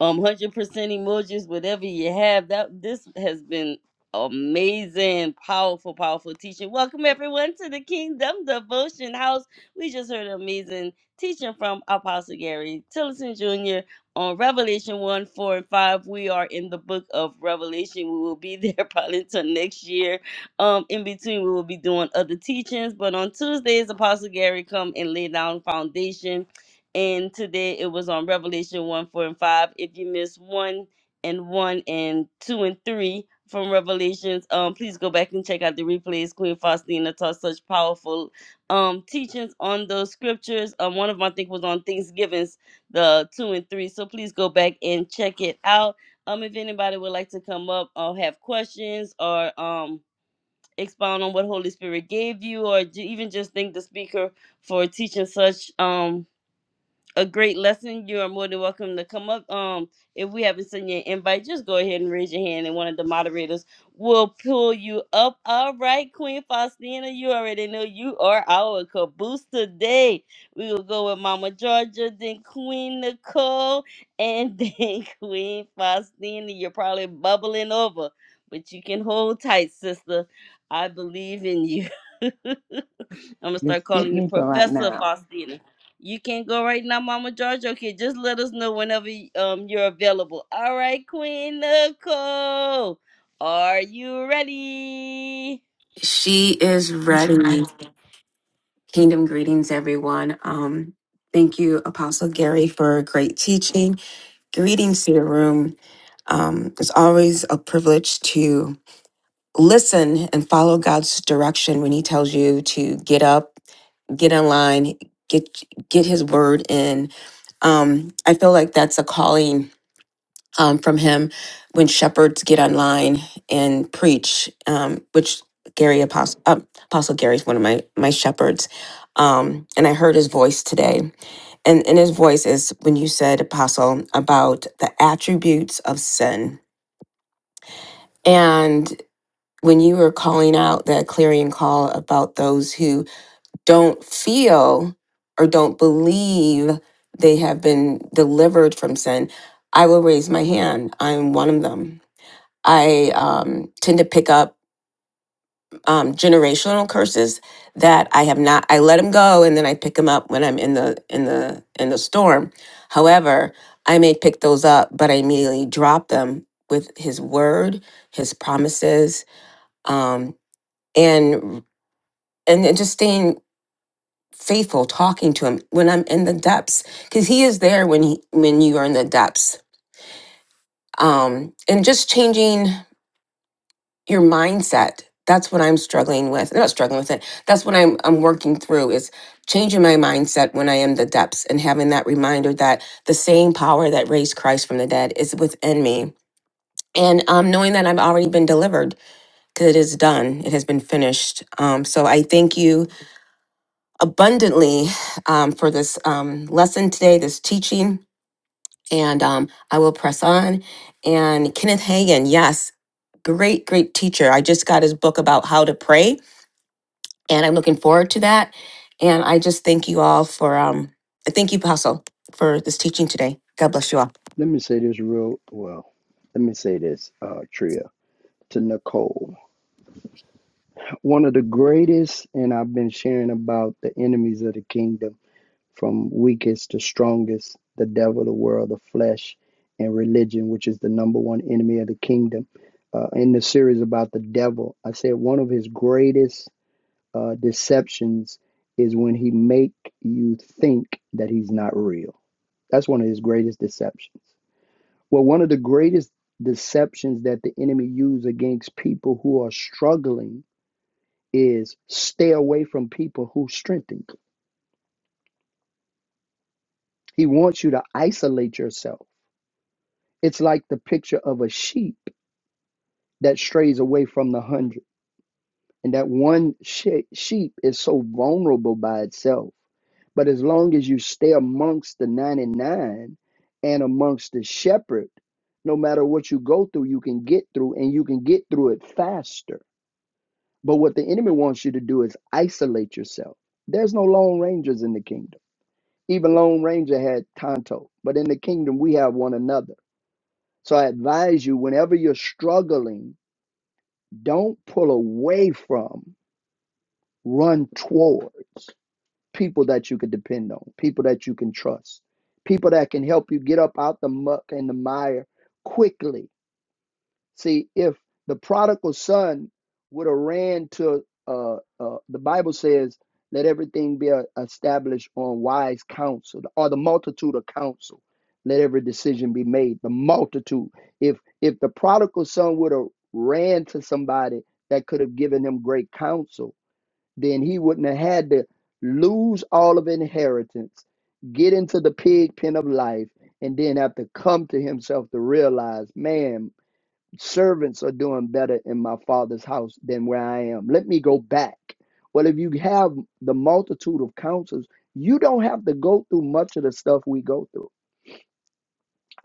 [SPEAKER 1] um 100% emojis whatever you have that this has been amazing powerful powerful teaching welcome everyone to the kingdom devotion house we just heard amazing teaching from apostle gary tillison jr on revelation 1 4 and 5 we are in the book of revelation we will be there probably until next year um in between we will be doing other teachings but on tuesdays apostle gary come and lay down foundation and today it was on Revelation 1, 4, and 5. If you missed 1 and 1 and 2 and 3 from Revelations, um, please go back and check out the replays. Queen Faustina taught such powerful um, teachings on those scriptures. Um, one of them, I think, was on Thanksgivings, the 2 and 3. So please go back and check it out. Um, if anybody would like to come up or have questions or um, expound on what Holy Spirit gave you or ju- even just thank the speaker for teaching such um, a great lesson. You are more than welcome to come up. Um, if we haven't sent you an invite, just go ahead and raise your hand, and one of the moderators will pull you up. All right, Queen Faustina, you already know you are our caboose today. We will go with Mama Georgia, then Queen Nicole, and then Queen Faustina. You're probably bubbling over, but you can hold tight, sister. I believe in you. I'm gonna
[SPEAKER 2] Just
[SPEAKER 1] start
[SPEAKER 2] skip
[SPEAKER 1] calling you
[SPEAKER 2] me for right
[SPEAKER 1] Professor
[SPEAKER 2] now.
[SPEAKER 1] Faustina. You can't go right now, Mama George. Okay, just let us know whenever um you're available. All right, Queen Nicole. Are you ready?
[SPEAKER 4] She is
[SPEAKER 5] Mhm.
[SPEAKER 4] ready. Kingdom greetings, everyone. Um, thank you, Apostle Gary, for great teaching. Greetings to the room. Um, it's always a privilege to listen and follow God's direction when He tells you to get up, get in line, get get His word in. Um, I feel like that's a calling um, from him when shepherds get online and preach, um, which Gary Apostle, uh, Apostle Gary is one of my my shepherds, um, and I heard his voice today, and and his voice is when you said Apostle about the attributes of sin, and when you were calling out that clarion call about those who don't feel or don't believe they have been delivered from sin, I will raise my hand. I'm one of them I um, tend to pick up um, generational curses that I have not. I let them go, and then I pick them up when I'm in the in the in the storm. However, I may pick those up, but I immediately drop them with His word, His promises, um, and and then just staying faithful, talking to Him when I'm in the depths, because He is there when he when you are in the depths, um, and just changing. your mindset that's what i'm struggling with not struggling with it that's what i'm i'm working through is changing my mindset when i am the depths and having that reminder that the same power that raised christ from the dead is within me and um, knowing that i've already been delivered because it is done it has been finished um, so i thank you abundantly um, for this um, lesson today this teaching and um, i will press on and kenneth Hagin, yes great great teacher i just got his book about how to pray and I'm looking forward to that. And I just thank you all for um thank you, Apostle, for this teaching today. God bless you all.
[SPEAKER 3] Let me say this real well. Let me say this, uh, Tria, to Nicole. One of the greatest, and I've been sharing about the enemies of the kingdom. from weakest to strongest, the devil, the world, the flesh, and religion, which is the number one enemy of the kingdom. Uh, in the series about the devil, I said one of his greatest uh, deceptions is when he make you think that he's not real. That's one of his greatest deceptions. Well, one of the greatest deceptions that the enemy use against people who are struggling is stay away from people who strengthen you. He wants you to isolate yourself It's like the picture of a sheep that strays away from the hundred. And that one she- sheep is so vulnerable by itself. But as long as you stay amongst the 99 and amongst the shepherd, no matter what you go through, you can get through and you can get through it faster. But what the enemy wants you to do is isolate yourself. There's no Lone Rangers in the kingdom. Even Lone Ranger had Tonto, but in the kingdom, we have one another. So I advise you whenever you're struggling Don't pull away from, run towards people that you can depend on, people that you can trust, people that can help you get up out the muck and the mire quickly See, if the prodigal son would have ran to, uh, uh, the Bible says, let everything be uh, established on wise counsel or the multitude of counsel. Let every decision be made. The multitude. If if the prodigal son would have ran to somebody that could have given him great counsel, then he wouldn't have had to lose all of inheritance, get into the pig pen of life, and then have to come to himself to realize, man, servants are doing better in my father's house than where I am. Let me go back. Well, if you have the multitude of counsels, you don't have to go through much of the stuff we go through.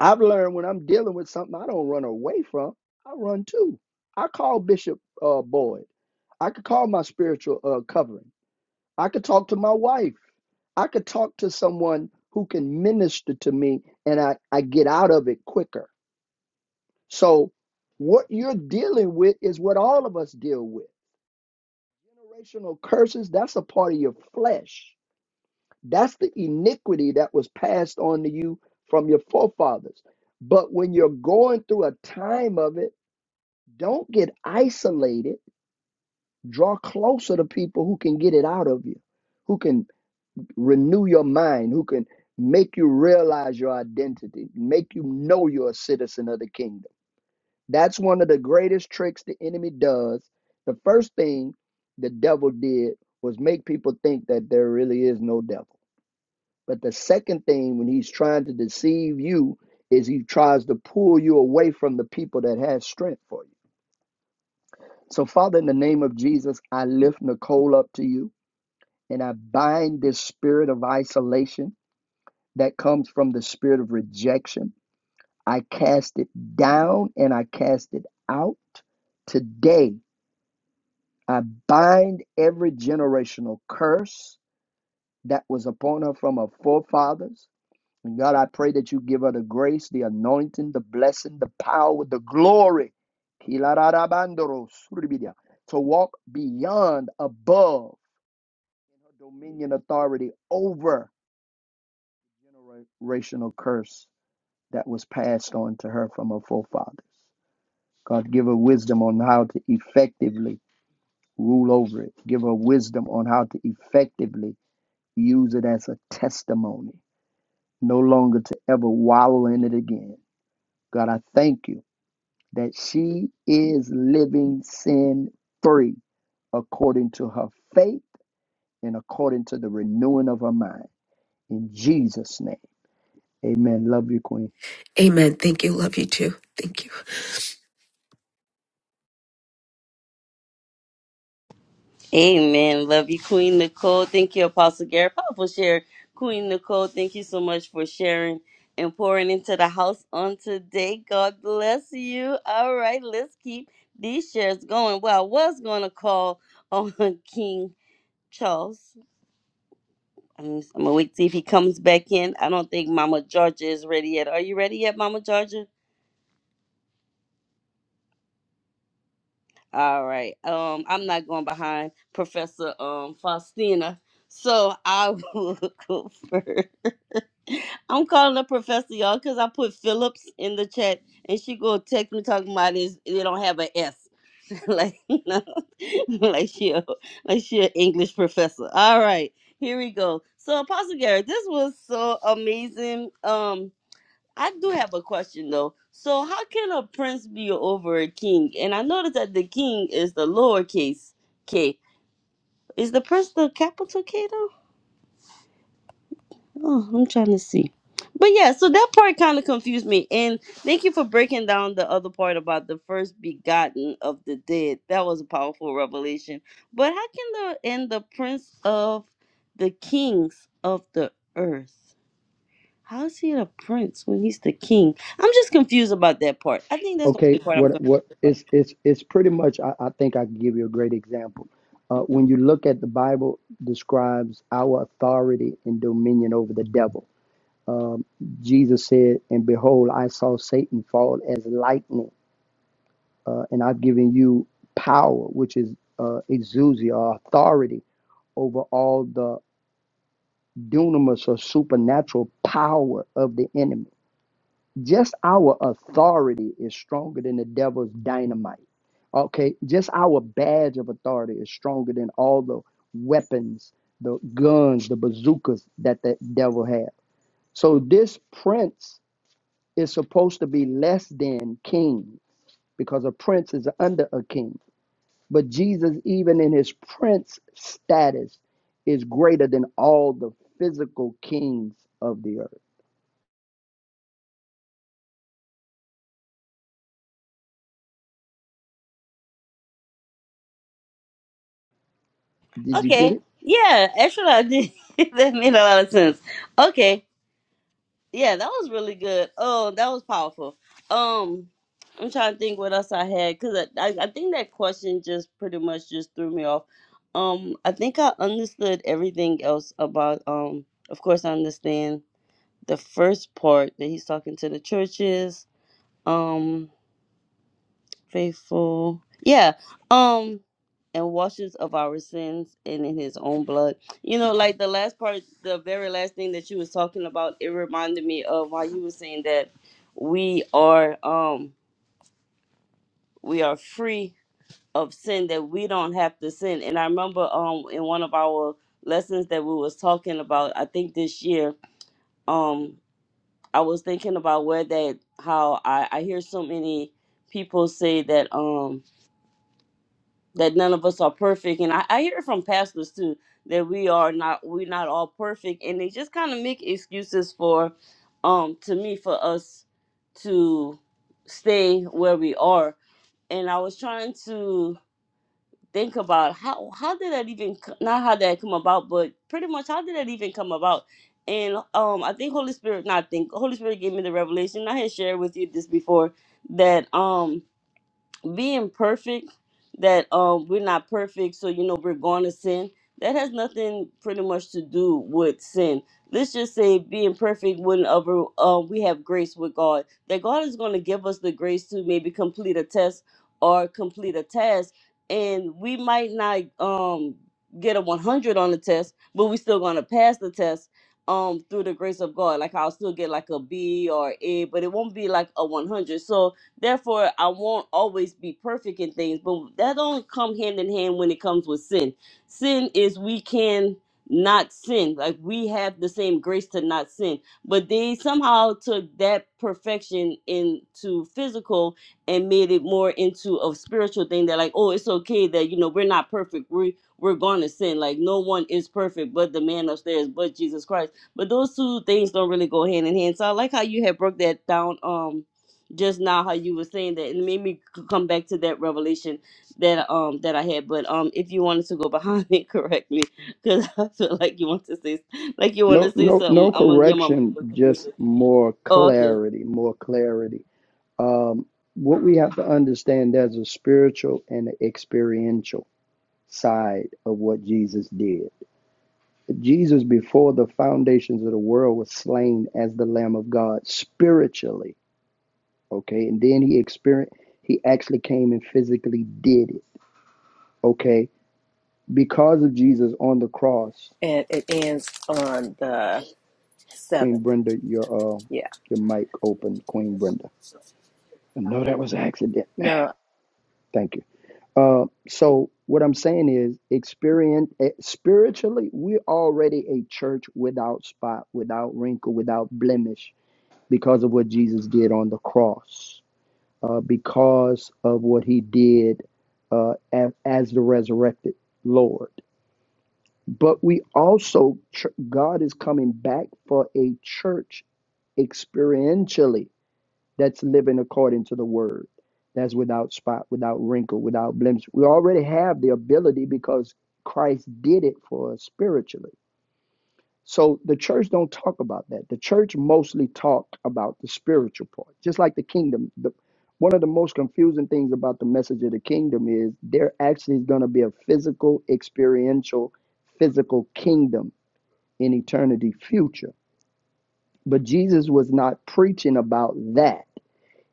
[SPEAKER 3] I've learned when I'm dealing with something I don't run away from, I run to. I call Bishop uh, Boyd. I could call my spiritual uh, covering. I could talk to my wife. I could talk to someone who can minister to me and I, I get out of it quicker. So, what you're dealing with is what all of us deal with. Generational curses, that's a part of your flesh. That's the iniquity that was passed on to you from your forefathers. But when you're going through a time of it, don't get isolated. Draw closer to people who can get it out of you, who can renew your mind, who can make you realize your identity, make you know you're a citizen of the kingdom That's one of the greatest tricks the enemy does. The first thing the devil did was make people think that there really is no devil. But the second thing, when he's trying to deceive you, is he tries to pull you away from the people that has strength for you. So, Father, in the name of Jesus, I lift Nicole up to you and I bind this spirit of isolation that comes from the spirit of rejection. I cast it down and I cast it out today I bind every generational curse that was upon her from her forefathers. And God, I pray that you give her the grace, the anointing, the blessing, the power, the glory. To walk beyond, above in her dominion authority over generational curse that was passed on to her from her forefathers. God, give her wisdom on how to effectively rule over it. Give her wisdom on how to effectively Use it as a testimony, no longer to ever wallow in it again. God, I thank you that she is living sin free according to her faith and according to the renewing of her mind. In Jesus' name, Amen. Love you, Queen.
[SPEAKER 4] Amen. Thank you. Love you too. Thank you.
[SPEAKER 1] Amen. Love you, Queen Nicole. Thank you, Apostle Gary. Powerful share. Queen Nicole, thank you so much for sharing and pouring into the house on today. God bless you. All right, let's keep these shares going. Well, I was going to call on King Charles I'm gonna wait see if he comes back in. I don't think Mama Georgia is ready yet. Are you ready yet, Mama Georgia? All right. Um, I'm not going behind Professor Um Faustina, so I will go first. I'm calling her Professor, y'all, because I put Phillips in the chat, and she go text me talking about this. They don't have an S, like no, like she a, like she an English professor. All right, here we go. So Apostle Garrett, this was so amazing. Um I do have a question though. So how can a prince be over a king? And I noticed that the king is the lowercase k. Is the prince the capital K though? Oh, I'm trying to see. But yeah, so that part kind of confused me. And thank you for breaking down the other part about the first begotten of the dead. That was a powerful revelation. But how can the and the prince of the kings of the earth? How is he the prince when he's the king? I'm just confused about that part. I think that's the only
[SPEAKER 3] Okay,
[SPEAKER 1] part I'm
[SPEAKER 3] what what
[SPEAKER 1] confused about.
[SPEAKER 3] it's it's it's pretty much. I, I think I can give you a great example. Uh, when you look at the Bible, describes our authority and dominion over the devil. Um, Jesus said, And behold, I saw Satan fall as lightning, uh, and I've given you power, which is uh, exousia, or authority over all the dunamis or supernatural power of the enemy. Just our authority is stronger than the devil's dynamite. Okay, just our badge of authority is stronger than all the weapons, the guns, the bazookas that the devil has. So this prince is supposed to be less than king because a prince is under a king. But Jesus, even in his prince status, is greater than all the physical kings of the earth. Did you get
[SPEAKER 1] Okay.
[SPEAKER 3] it?
[SPEAKER 1] Yeah, actually, I did. that made a lot of sense. Okay. Yeah, that was really good. Oh, that was powerful. Um, I'm trying to think what else I had because I, I, I think that question just pretty much just threw me off. Um, I think I understood everything else about. Um, of course, I understand the first part that he's talking to the churches. Um. faithful. Yeah. Um and washes of our sins and in his own blood. You know, like the last part, the very last thing that you was talking about, it reminded me of how you were saying that we are um we are free of sin, that we don't have to sin. And I remember um in one of our lessons that we was talking about, I think this year, um, I was thinking about where that how I, I hear so many people say that um. that none of us are perfect and I, I hear it from pastors too that we are not we're not all perfect and they just kind of make excuses for um to me for us to stay where we are and i was trying to think about how how did that even co- not how did that come about but pretty much how did that even come about and um i think holy spirit not think holy spirit gave me the revelation i had shared with you this before that um being perfect that um we're not perfect so you know we're going to sin that has nothing pretty much to do with sin let's just say being perfect whenever uh, we have grace with god that god is going to give us the grace to maybe complete a test or complete a task and we might not um get a 100 on the test but we're still going to pass the test um through the grace of god like i'll still get like a b or a but it won't be like a 100 so Therefore, I won't always be perfect in things, but that only come hand in hand when it comes with sin. Sin is we can not sin. Like we have the same grace to not sin. But they somehow took that perfection into physical and made it more into a spiritual thing that like, oh, it's okay that you know we're not perfect. We we're gonna sin. Like no one is perfect but the man upstairs, but Jesus Christ. But those two things don't really go hand in hand. So I like how you had broke that down um just now how you were saying that it made me c- come back to that revelation that um that I had. But um, if you wanted to go behind it, correct me because I feel like you want to say like you want
[SPEAKER 3] No,
[SPEAKER 1] to say
[SPEAKER 3] no,
[SPEAKER 1] something.
[SPEAKER 3] no
[SPEAKER 1] I'm gonna yeah, mama.
[SPEAKER 3] correction, just
[SPEAKER 1] Listen.
[SPEAKER 3] more
[SPEAKER 1] Oh, okay.
[SPEAKER 3] clarity, more clarity. Um, what we have to understand there's a spiritual and an experiential side of what Jesus did. Jesus, before the foundations of the world, was slain as the Lamb of God spiritually. Okay, and then he experienced, he actually came and physically did it. Okay, because of Jesus on the cross,
[SPEAKER 6] and it ends on the
[SPEAKER 3] Queen
[SPEAKER 6] seventh.
[SPEAKER 3] Brenda, your uh,
[SPEAKER 6] Yeah.
[SPEAKER 3] your mic open, Queen Brenda. No, that was an accident.
[SPEAKER 6] No.
[SPEAKER 3] Thank you. Uh, so what I'm saying is, experience eh, spiritually, we're already a church without spot, without wrinkle, without blemish, because of what Jesus did on the cross uh, because of what he did uh, as, as the resurrected Lord. But we also, ch- God is coming back for a church experientially that's living according to the word, that's without spot, without wrinkle, without blemish. We already have the ability because Christ did it for us spiritually so the church don't talk about that. The church mostly talk about the spiritual part, just like the kingdom. The, one of the most confusing things about the message of the kingdom is there actually is going to be a physical, experiential, physical kingdom in eternity future. But Jesus was not preaching about that.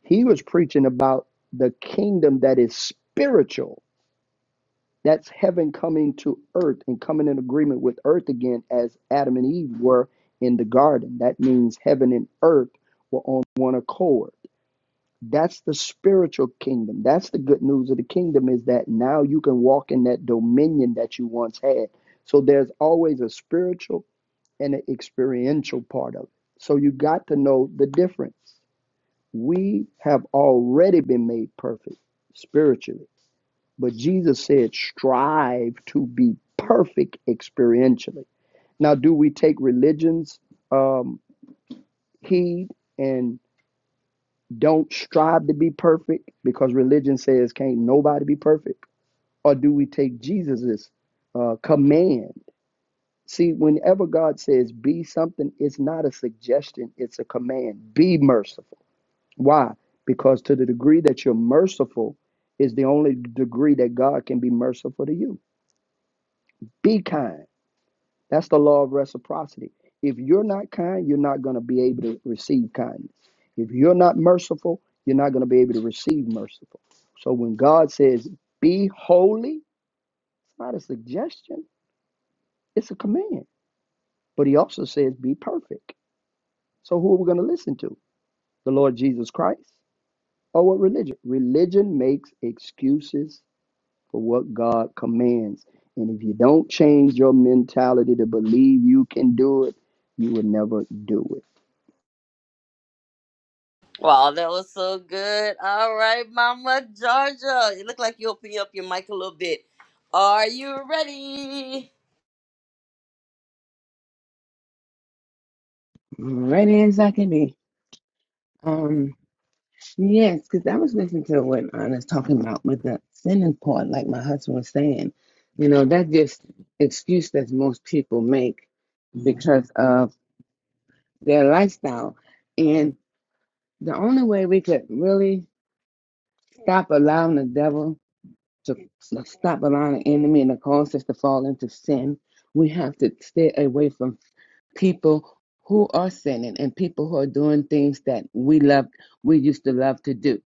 [SPEAKER 3] He was preaching about the kingdom that is spiritual that's heaven coming to earth and coming in agreement with earth again as Adam and Eve were in the garden. That means heaven and earth were on one accord. That's the spiritual kingdom. That's the good news of the kingdom is that now you can walk in that dominion that you once had. So there's always a spiritual and an experiential part of it. So you got to know the difference. We have already been made perfect spiritually but Jesus said, strive to be perfect experientially. Now, do we take religions um, heed and don't strive to be perfect because religion says can't nobody be perfect? Or do we take Jesus's uh, command? See, whenever God says be something, it's not a suggestion, it's a command. Be merciful. Why? Because to the degree that you're merciful is the only degree that God can be merciful to you. Be kind That's the law of reciprocity. If you're not kind, you're not going to be able to receive kindness. If you're not merciful, you're not going to be able to receive merciful. So when God says, be holy, it's not a suggestion, it's a command. But he also says, be perfect. So who are we going to listen to? The Lord Jesus Christ or what religion? Religion makes excuses for what God commands. And if you don't change your mentality to believe you can do it, you will never do it.
[SPEAKER 1] Wow, that was so good. All right, Mama Georgia, it looked like you opened up your mic a little bit. Are you ready?
[SPEAKER 2] Ready as I can be. Um, yes, because I was listening to what Anna's talking about with the sinning part, like my husband was saying. You know, that's just excuse that most people make because of their lifestyle. And the only way we could really stop allowing the devil to stop allowing the enemy and the cause us to fall into sin, we have to stay away from people who are sinning and people who are doing things that we love we used to love to do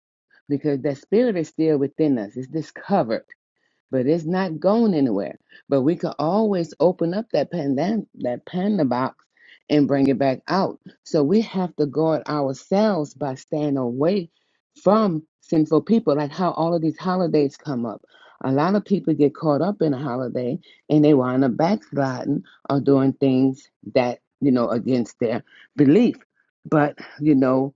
[SPEAKER 2] because that spirit is still within us it's discovered but it's not going anywhere. But we could always open up that pandan that panda box and bring it back out. So we have to guard ourselves by staying away from sinful people, like how all of these holidays come up. A lot of people get caught up in a holiday and they wind up backsliding or doing things that, you know, against their belief. But, you know,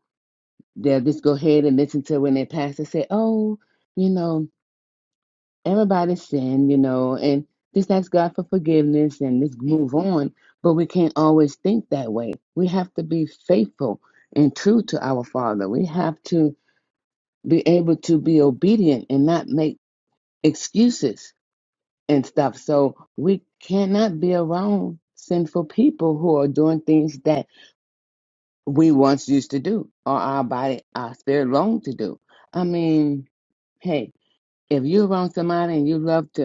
[SPEAKER 2] they'll just go ahead and listen to when their pastor say, Oh, you know, everybody sin, you know, and just ask God for forgiveness and just move on. But we can't always think that way. We have to be faithful and true to our Father. We have to be able to be obedient and not make excuses and stuff. So we cannot be around sinful people who are doing things that we once used to do or our body, our spirit longed to do. I mean, hey, if you're around somebody and you love to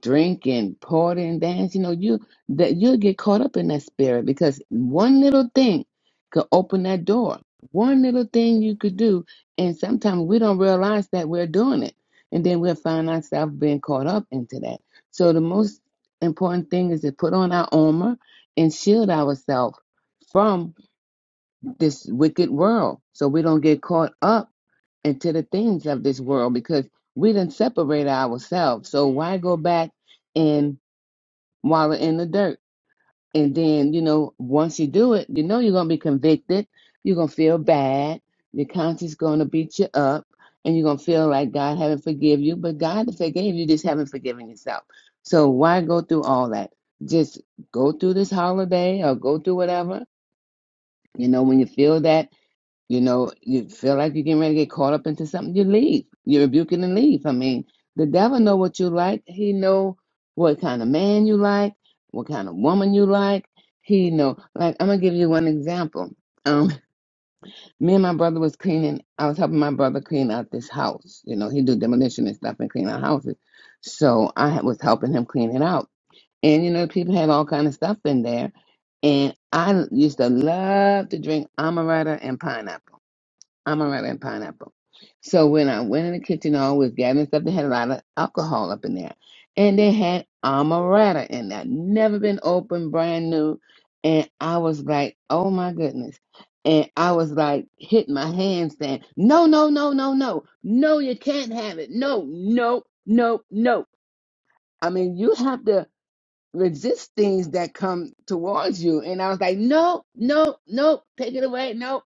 [SPEAKER 2] drinking, partying, dance, you know, you that you'll get caught up in that spirit because one little thing could open that door. One little thing you could do, and sometimes we don't realize that we're doing it, and then we'll find ourselves being caught up into that. So the most important thing is to put on our armor and shield ourselves from this wicked world so we don't get caught up into the things of this world because we didn't separate ourselves. So why go back and wallow in the dirt? And then, you know, once you do it, you know you're gonna be convicted, you're gonna feel bad, your conscience gonna beat you up, and you're gonna feel like God haven't forgiven you, but God forgave you, just haven't forgiven yourself. So why go through all that? Just go through this holiday or go through whatever. You know, when you feel that you know, you feel like you're getting ready to get caught up into something, you leave. You rebuke it and leave. I mean, the devil know what you like. He know what kind of man you like, what kind of woman you like. He know. Like I'm gonna give you one example. Um, me and my brother was cleaning. I was helping my brother clean out this house. You know, he do demolition and stuff and clean out houses. So I was helping him clean it out. And you know, people had all kind of stuff in there. And I used to love to drink amaretto and pineapple. I'm and pineapple. So when I went in the kitchen, I was gathering stuff. They had a lot of alcohol up in there, and they had amaretto in there, never been opened, brand new. And I was like, "Oh my goodness!" And I was like, hitting my hands, saying, "No, no, no, no, no, no! You can't have it! No, no, no, no!" I mean, you have to resist things that come towards you. And I was like, "No, no, no! Take it away! No!"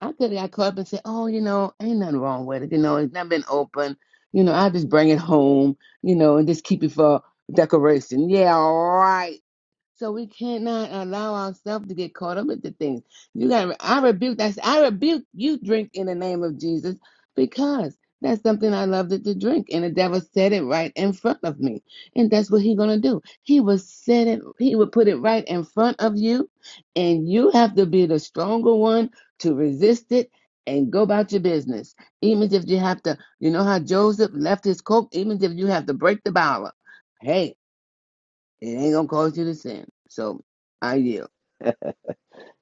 [SPEAKER 2] I could have got caught up and said, "Oh, you know, ain't nothing wrong with it. You know, it's not been open. You know, I just bring it home. You know, and just keep it for decoration." Yeah, all right. So we cannot allow ourselves to get caught up with the things. You got. I rebuke that. I rebuke you. Drink in the name of Jesus, because that's something I loved it to drink, and the devil said it right in front of me, and that's what he gonna do. He will set it. He would put it right in front of you, and you have to be the stronger one to resist it and go about your business. Even if you have to, you know how Joseph left his coat. Even if you have to break the bottle, hey. It ain't gonna cause you to sin. So I yield.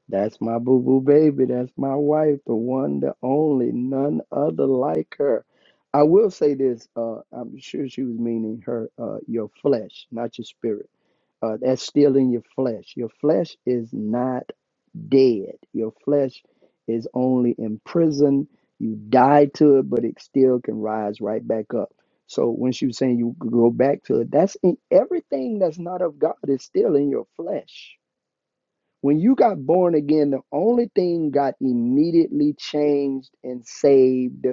[SPEAKER 3] That's my boo boo baby. That's my wife, the one, the only, none other like her. I will say this. Uh, I'm sure she was meaning her, uh, your flesh, not your spirit. Uh, that's still in your flesh. Your flesh is not dead. Your flesh is only in prison. You die to it, but it still can rise right back up. So when she was saying you go back to it, that's in everything that's not of God is still in your flesh when you got born again, the only thing got immediately changed and saved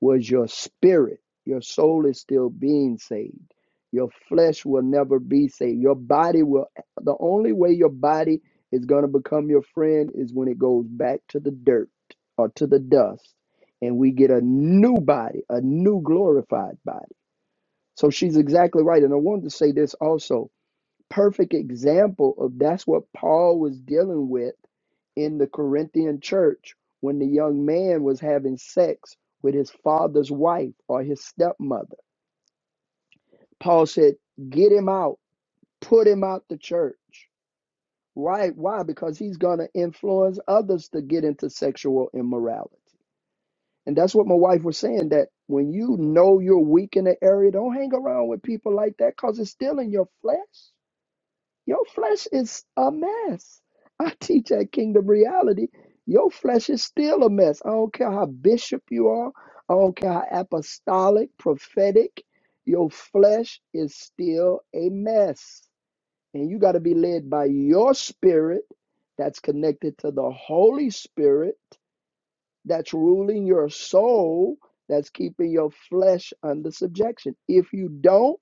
[SPEAKER 3] was your spirit. Your soul is still being saved. Your flesh will never be saved. Your body will, the only way your body is going to become your friend is when it goes back to the dirt or to the dust and we get a new body, a new glorified body. So she's exactly right. And I wanted to say this also perfect example of that's what Paul was dealing with in the Corinthian church when the young man was having sex with his father's wife or his stepmother. Paul said, Get him out, put him out the church. Why? Why? Because he's going to influence others to get into sexual immorality. And that's what my wife was saying that when you know you're weak in the area, don't hang around with people like that because it's still in your flesh. Your flesh is a mess. I teach at Kingdom Reality. Your flesh is still a mess. I don't care how bishop you are. I don't care how apostolic, prophetic. Your flesh is still a mess. And you got to be led by your spirit that's connected to the Holy Spirit that's ruling your soul, that's keeping your flesh under subjection. If you don't,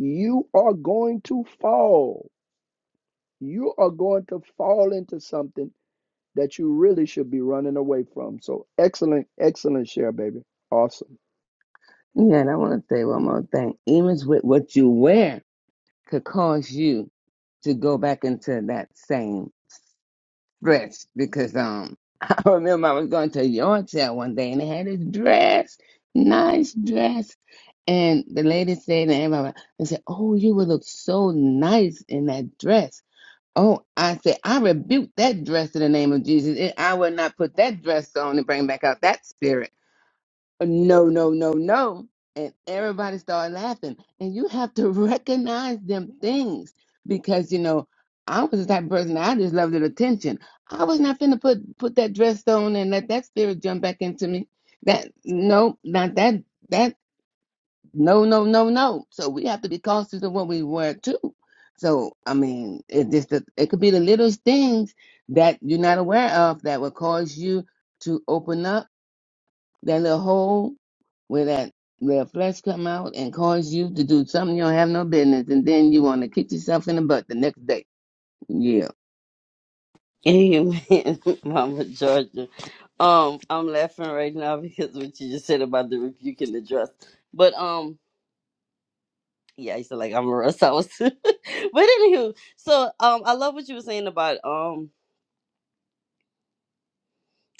[SPEAKER 3] you are going to fall you are going to fall into something that you really should be running away from. So excellent, excellent share, baby. Awesome.
[SPEAKER 2] Yeah, and I want to say one more thing. Even with what you wear could cause you to go back into that same dress because um I remember I was going to a yard sale one day and they had this dress, nice dress, and the lady said, and everybody, they said, "Oh, you would look so nice in that dress." Oh, I said, I rebuke that dress in the name of Jesus. It- I will not put that dress on and bring back out that spirit. no, no, no, no. And everybody started laughing. And you have to recognize them things because, you know, I was the type of person I just loved the attention. I was not finna put put that dress on and let that spirit jump back into me. That no, not that that no, no, no, no. So we have to be cautious of what we wear too. So I mean, it just it could be the littlest things that you're not aware of that will cause you to open up that little hole where that where flesh come out and cause you to do something you don't have no business, and then you want to kick yourself in the butt the next day. Yeah,
[SPEAKER 1] Amen, Mama Georgia. Um, I'm laughing right now because what you just said about the rebuke and the dress. But um. yeah, I used to like Amara House. but anywho, so um, I love what you were saying about um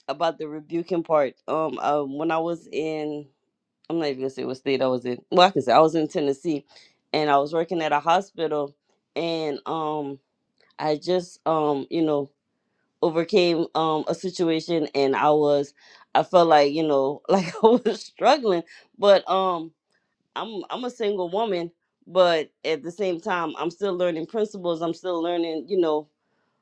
[SPEAKER 1] about the rebuking part. Um, uh, when I was in, I'm not even gonna say what state I was in. Well, I can say I was in Tennessee, and I was working at a hospital, and um, I just um, you know, overcame um a situation, and I was, I felt like you know, like I was struggling, but um. I'm I'm a single woman, but at the same time, I'm still learning principles. I'm still learning, you know,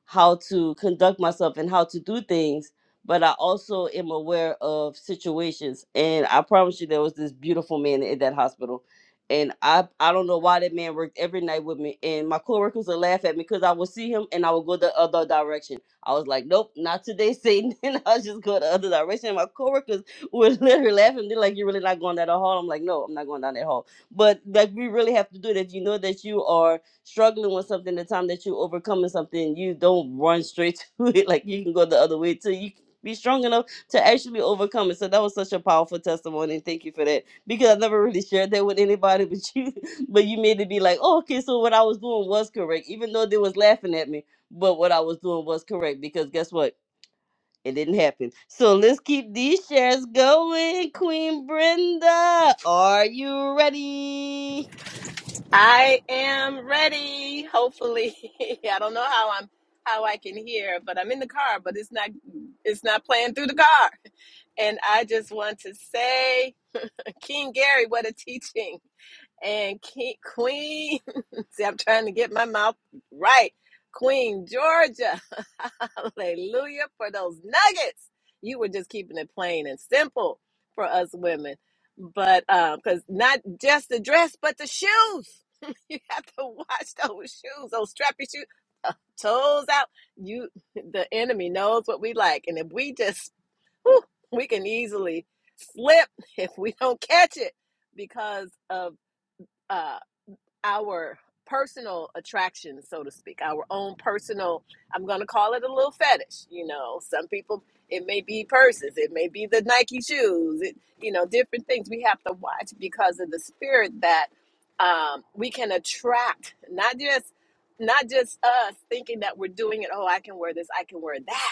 [SPEAKER 1] how to conduct myself and how to do things but i also am aware of situations and i promise you there was this beautiful man in that hospital and i i don't know why that man worked every night with me and my coworkers would laugh at me because i would see him and i would go the other direction i was like nope not today satan and i was just go the other direction and my coworkers would literally laugh and they're like you're really not going down the hall i'm like no i'm not going down that hall but like we really have to do it if you know that you are struggling with something, the time that you overcoming something, you don't run straight to it. Like you can go the other way till you can be strong enough to actually overcome it. So that was such a powerful testimony. And thank you for that. Because I never really shared that with anybody but you. But you made it be like, oh, okay, so what I was doing was correct. Even though they was laughing at me. But what I was doing was correct. Because guess what? It didn't happen. So let's keep these shares going. Queen Brenda, are you ready?
[SPEAKER 6] I am ready. Hopefully, I don't know how I'm how I can hear, but I'm in the car, but it's not it's not playing through the car. And I just want to say, King Gary, what a teaching. and King, Queen. See, I'm trying to get my mouth right. Queen Georgia. Hallelujah for those nuggets. You were just keeping it plain and simple for us women. But because not just the dress, but the shoes. you have to watch those shoes, those strappy shoes, uh, toes out. You, the enemy knows what we like, and if we just, whew, we can easily slip if we don't catch it because of uh our personal attraction, so to speak, our own personal, I'm going to call it a little fetish. You know, some people, it may be purses, it may be the Nike shoes, it, you know, different things we have to watch because of the spirit that um, we can attract, not just. Not just us thinking that we're doing it, oh, I can wear this, I can wear that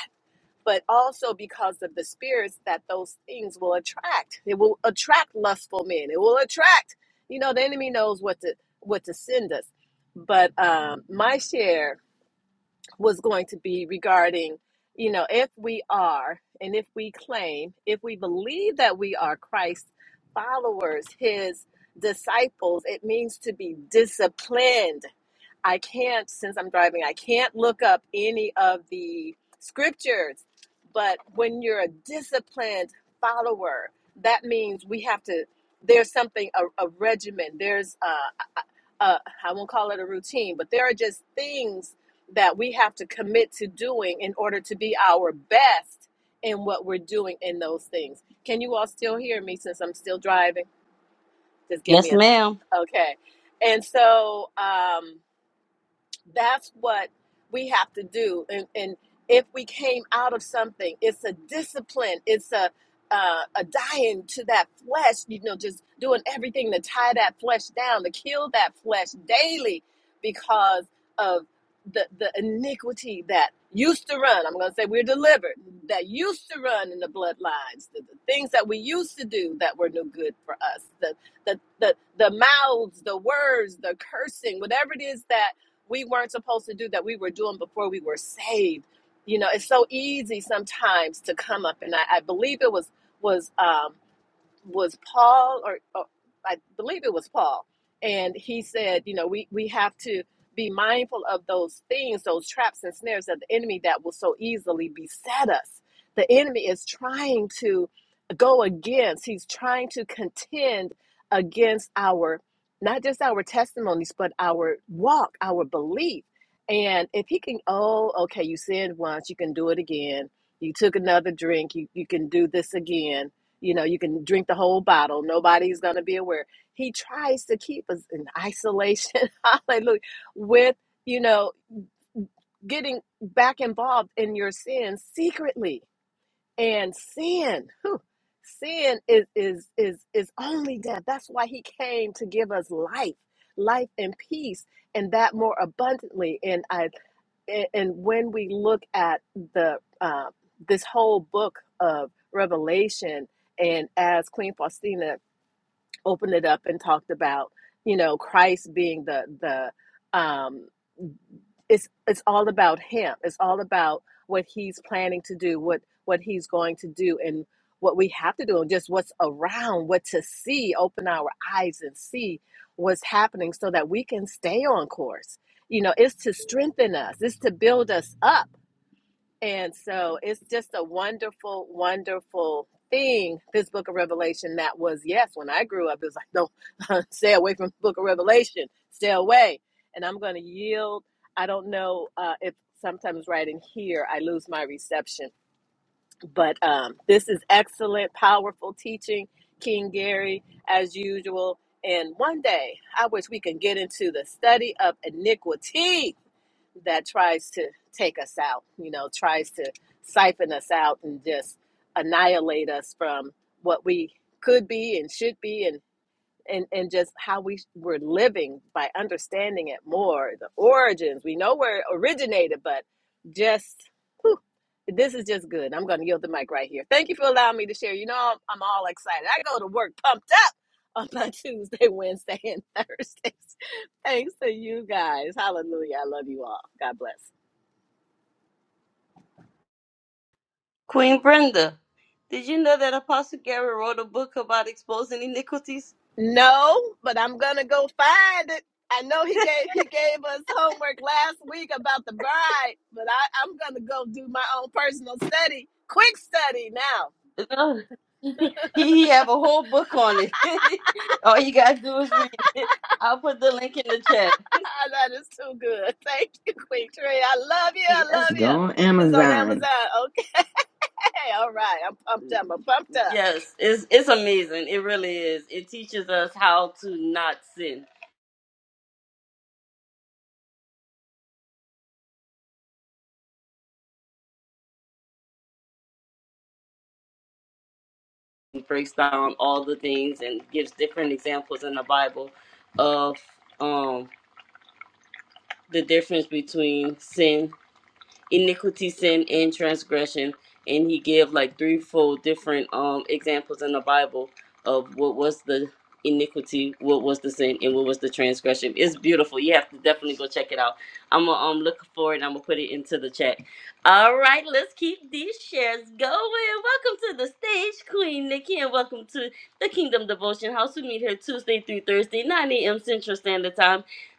[SPEAKER 6] but also because of the spirits that those things will attract. It will attract lustful men. It will attract, you know, the enemy knows what to what to send us. But um, my share was going to be regarding, you know, if we are and if we claim, if we believe that we are Christ's followers, his disciples, it means to be disciplined I can't, since I'm driving, I can't look up any of the scriptures. But when you're a disciplined follower, that means we have to, there's something, a, a regimen, there's, uh, a, a, I won't call it a routine, but there are just things that we have to commit to doing in order to be our best in what we're doing in those things. Can you all still hear me since I'm still driving? Just give
[SPEAKER 1] Yes,
[SPEAKER 6] me
[SPEAKER 1] ma'am.
[SPEAKER 6] a, okay. And so, um, that's what we have to do. And, and if we came out of something, it's a discipline. It's a uh, a dying to that flesh. You know, just doing everything to tie that flesh down, to kill that flesh daily, because of the the iniquity that used to run. I'm going to say we're delivered that used to run in the bloodlines, the, the things that we used to do that were no good for us, the the the the mouths, the words, the cursing, whatever it is that we weren't supposed to do that we were doing before we were saved. You know, it's so easy sometimes to come up, and I, I believe it was was um, was Paul, or, or I believe it was Paul, and he said, you know, we, we have to be mindful of those things, those traps and snares of the enemy that will so easily beset us. The enemy is trying to go against, he's trying to contend against our, not just our testimonies, but our walk, our belief. And if he can, oh, okay, you sinned once, you can do it again. You took another drink, you, you can do this again you know, you can drink the whole bottle. Nobody's going to be aware. He tries to keep us in isolation. Hallelujah. With, you know, getting back involved in your sin secretly. And sin, whew, sin is is is is only death. That's why he came to give us life, life and peace, and that more abundantly. And I a- and when we look at the uh, this whole book of Revelation, and as Queen Faustina opened it up and talked about, you know, Christ being the the um, it's it's all about Him. It's all about what He's planning to do, what what He's going to do, and what we have to do, and just what's around, what to see. Open our eyes and see what's happening, so that we can stay on course. You know, it's to strengthen us. It's to build us up and so it's just a wonderful, wonderful thing, this book of Revelation that was, yes, when I grew up, it was like, no, stay away from the book of Revelation, stay away. And I'm going to yield. I don't know uh, if sometimes right in here I lose my reception, but um, this is excellent, powerful teaching, King Gary, as usual. And one day, I wish we can get into the study of iniquity that tries to take us out, you know, tries to siphon us out and just annihilate us from what we could be and should be and and, and just how we were living by understanding it more, the origins. We know where it originated, but just whew, this is just good. I'm going to yield the mic right here. Thank you for allowing me to share. You know, I'm, I'm all excited. I go to work pumped up on my Tuesday, Wednesday, and Thursdays. Thanks to you guys. Hallelujah. I love you all. God bless.
[SPEAKER 1] Queen Brenda, did you know that Apostle Gary wrote a book about exposing iniquities?
[SPEAKER 6] No, but I'm gonna go find it. I know he gave he gave us homework last week about the bride, but I, I'm gonna go do my own personal study, quick study now.
[SPEAKER 1] No. he, he have a whole book on it. All you gotta do is read it. I'll put the link in the chat.
[SPEAKER 6] Ah, that is too good. Thank you, Queen Tree. I love you. I
[SPEAKER 1] Yes,
[SPEAKER 6] love
[SPEAKER 2] go
[SPEAKER 6] you.
[SPEAKER 2] on
[SPEAKER 6] It's on Amazon.
[SPEAKER 2] Amazon.
[SPEAKER 6] Okay, all right. I'm pumped up. I'm pumped up.
[SPEAKER 1] yes, it's it's amazing. It really is. It teaches us how to not sin. It breaks down all the things and gives different examples in the Bible of um the difference between sin iniquity, sin, and transgression. And he gave like three, four different um examples in the Bible of what was the iniquity, what was the sin, and what was the transgression. It's beautiful. You have to definitely go check it out. I'm gonna um look for it. and I'm gonna put it into the chat. All right, let's keep these shares going. Welcome to the stage, Queen Nikki, and welcome to the Kingdom Devotion House. We meet here Tuesday through Thursday, 9 a.m. Central Standard Time.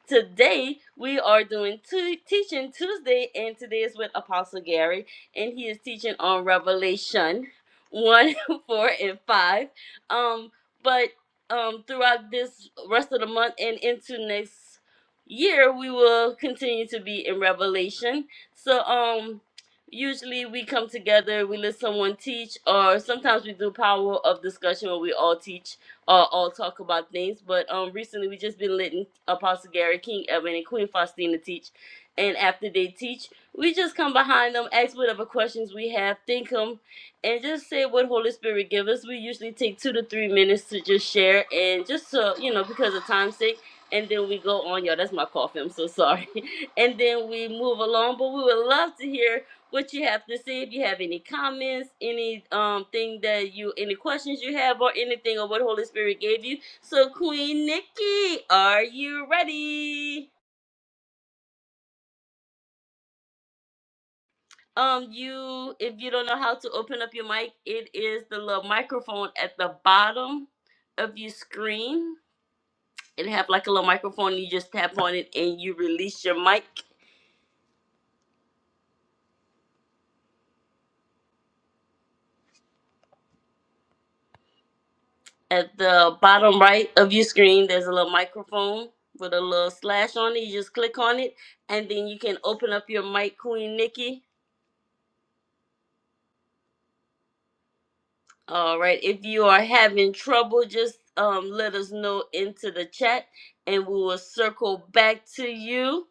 [SPEAKER 1] Today we are doing Tu- Teaching Tuesday, and today is with Apostle Gary, and he is teaching on Revelation one, four, and five. Um, but um, throughout this rest of the month and into next year, we will continue to be in Revelation. So, um, usually we come together, we let someone teach, or sometimes we do power of discussion where we all teach uh, all talk about things. But um, recently we just been letting Apostle Gary King Evan and Queen Faustina teach, and after they teach, we just come behind them, ask whatever questions we have, think them, and just say what Holy Spirit give us. We usually take two to three minutes to just share and just so you know because of time's sake. And then we go on, y'all. That's my coffee. I'm so sorry. And then we move along, but we would love to hear what you have to say if you have any comments any um thing that you any questions you have or anything or what holy spirit gave you so queen nikki are you ready um you if you don't know how to open up your mic it is the little microphone at the bottom of your screen it have like a little microphone you just tap on it and you release your mic At the bottom right of your screen, there's a little microphone with a little slash on it. You just click on it, and then you can open up your mic, Queen Nikki. All right. If you are having trouble, just um, let us know into the chat, and we will circle back to you.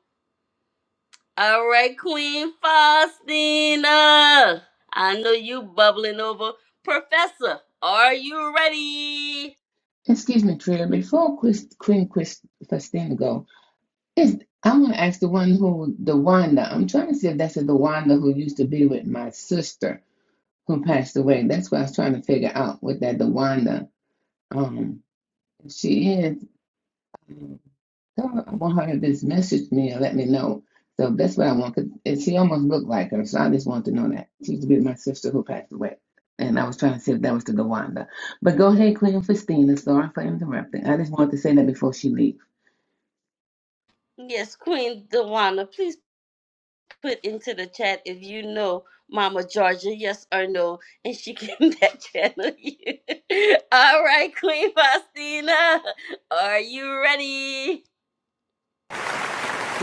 [SPEAKER 1] All right, Queen Faustina. I know you bubbling over. Professor, are you ready?
[SPEAKER 2] Excuse me, Trina. Before Chris, Queen Christine go, is I want to ask the one who the Wanda. I'm trying to see if that's the Wanda who used to be with my sister who passed away. That's what I was trying to figure out with that the Wanda. Um, if she is. Tell I want her to just message me and let me know. So that's what I want. 'cause it- she almost looked like her, so I just wanted to know that. She used to be my sister who passed away. And I was trying to see if that was to Gowanda. But go ahead, Queen Christina. Sorry for interrupting. I just wanted to say that before she leaves.
[SPEAKER 1] Yes, Queen Dewana. please. put into the chat if you know Mama Georgia, yes or no, and she can back channel you. All right, Queen Faustina, are you ready?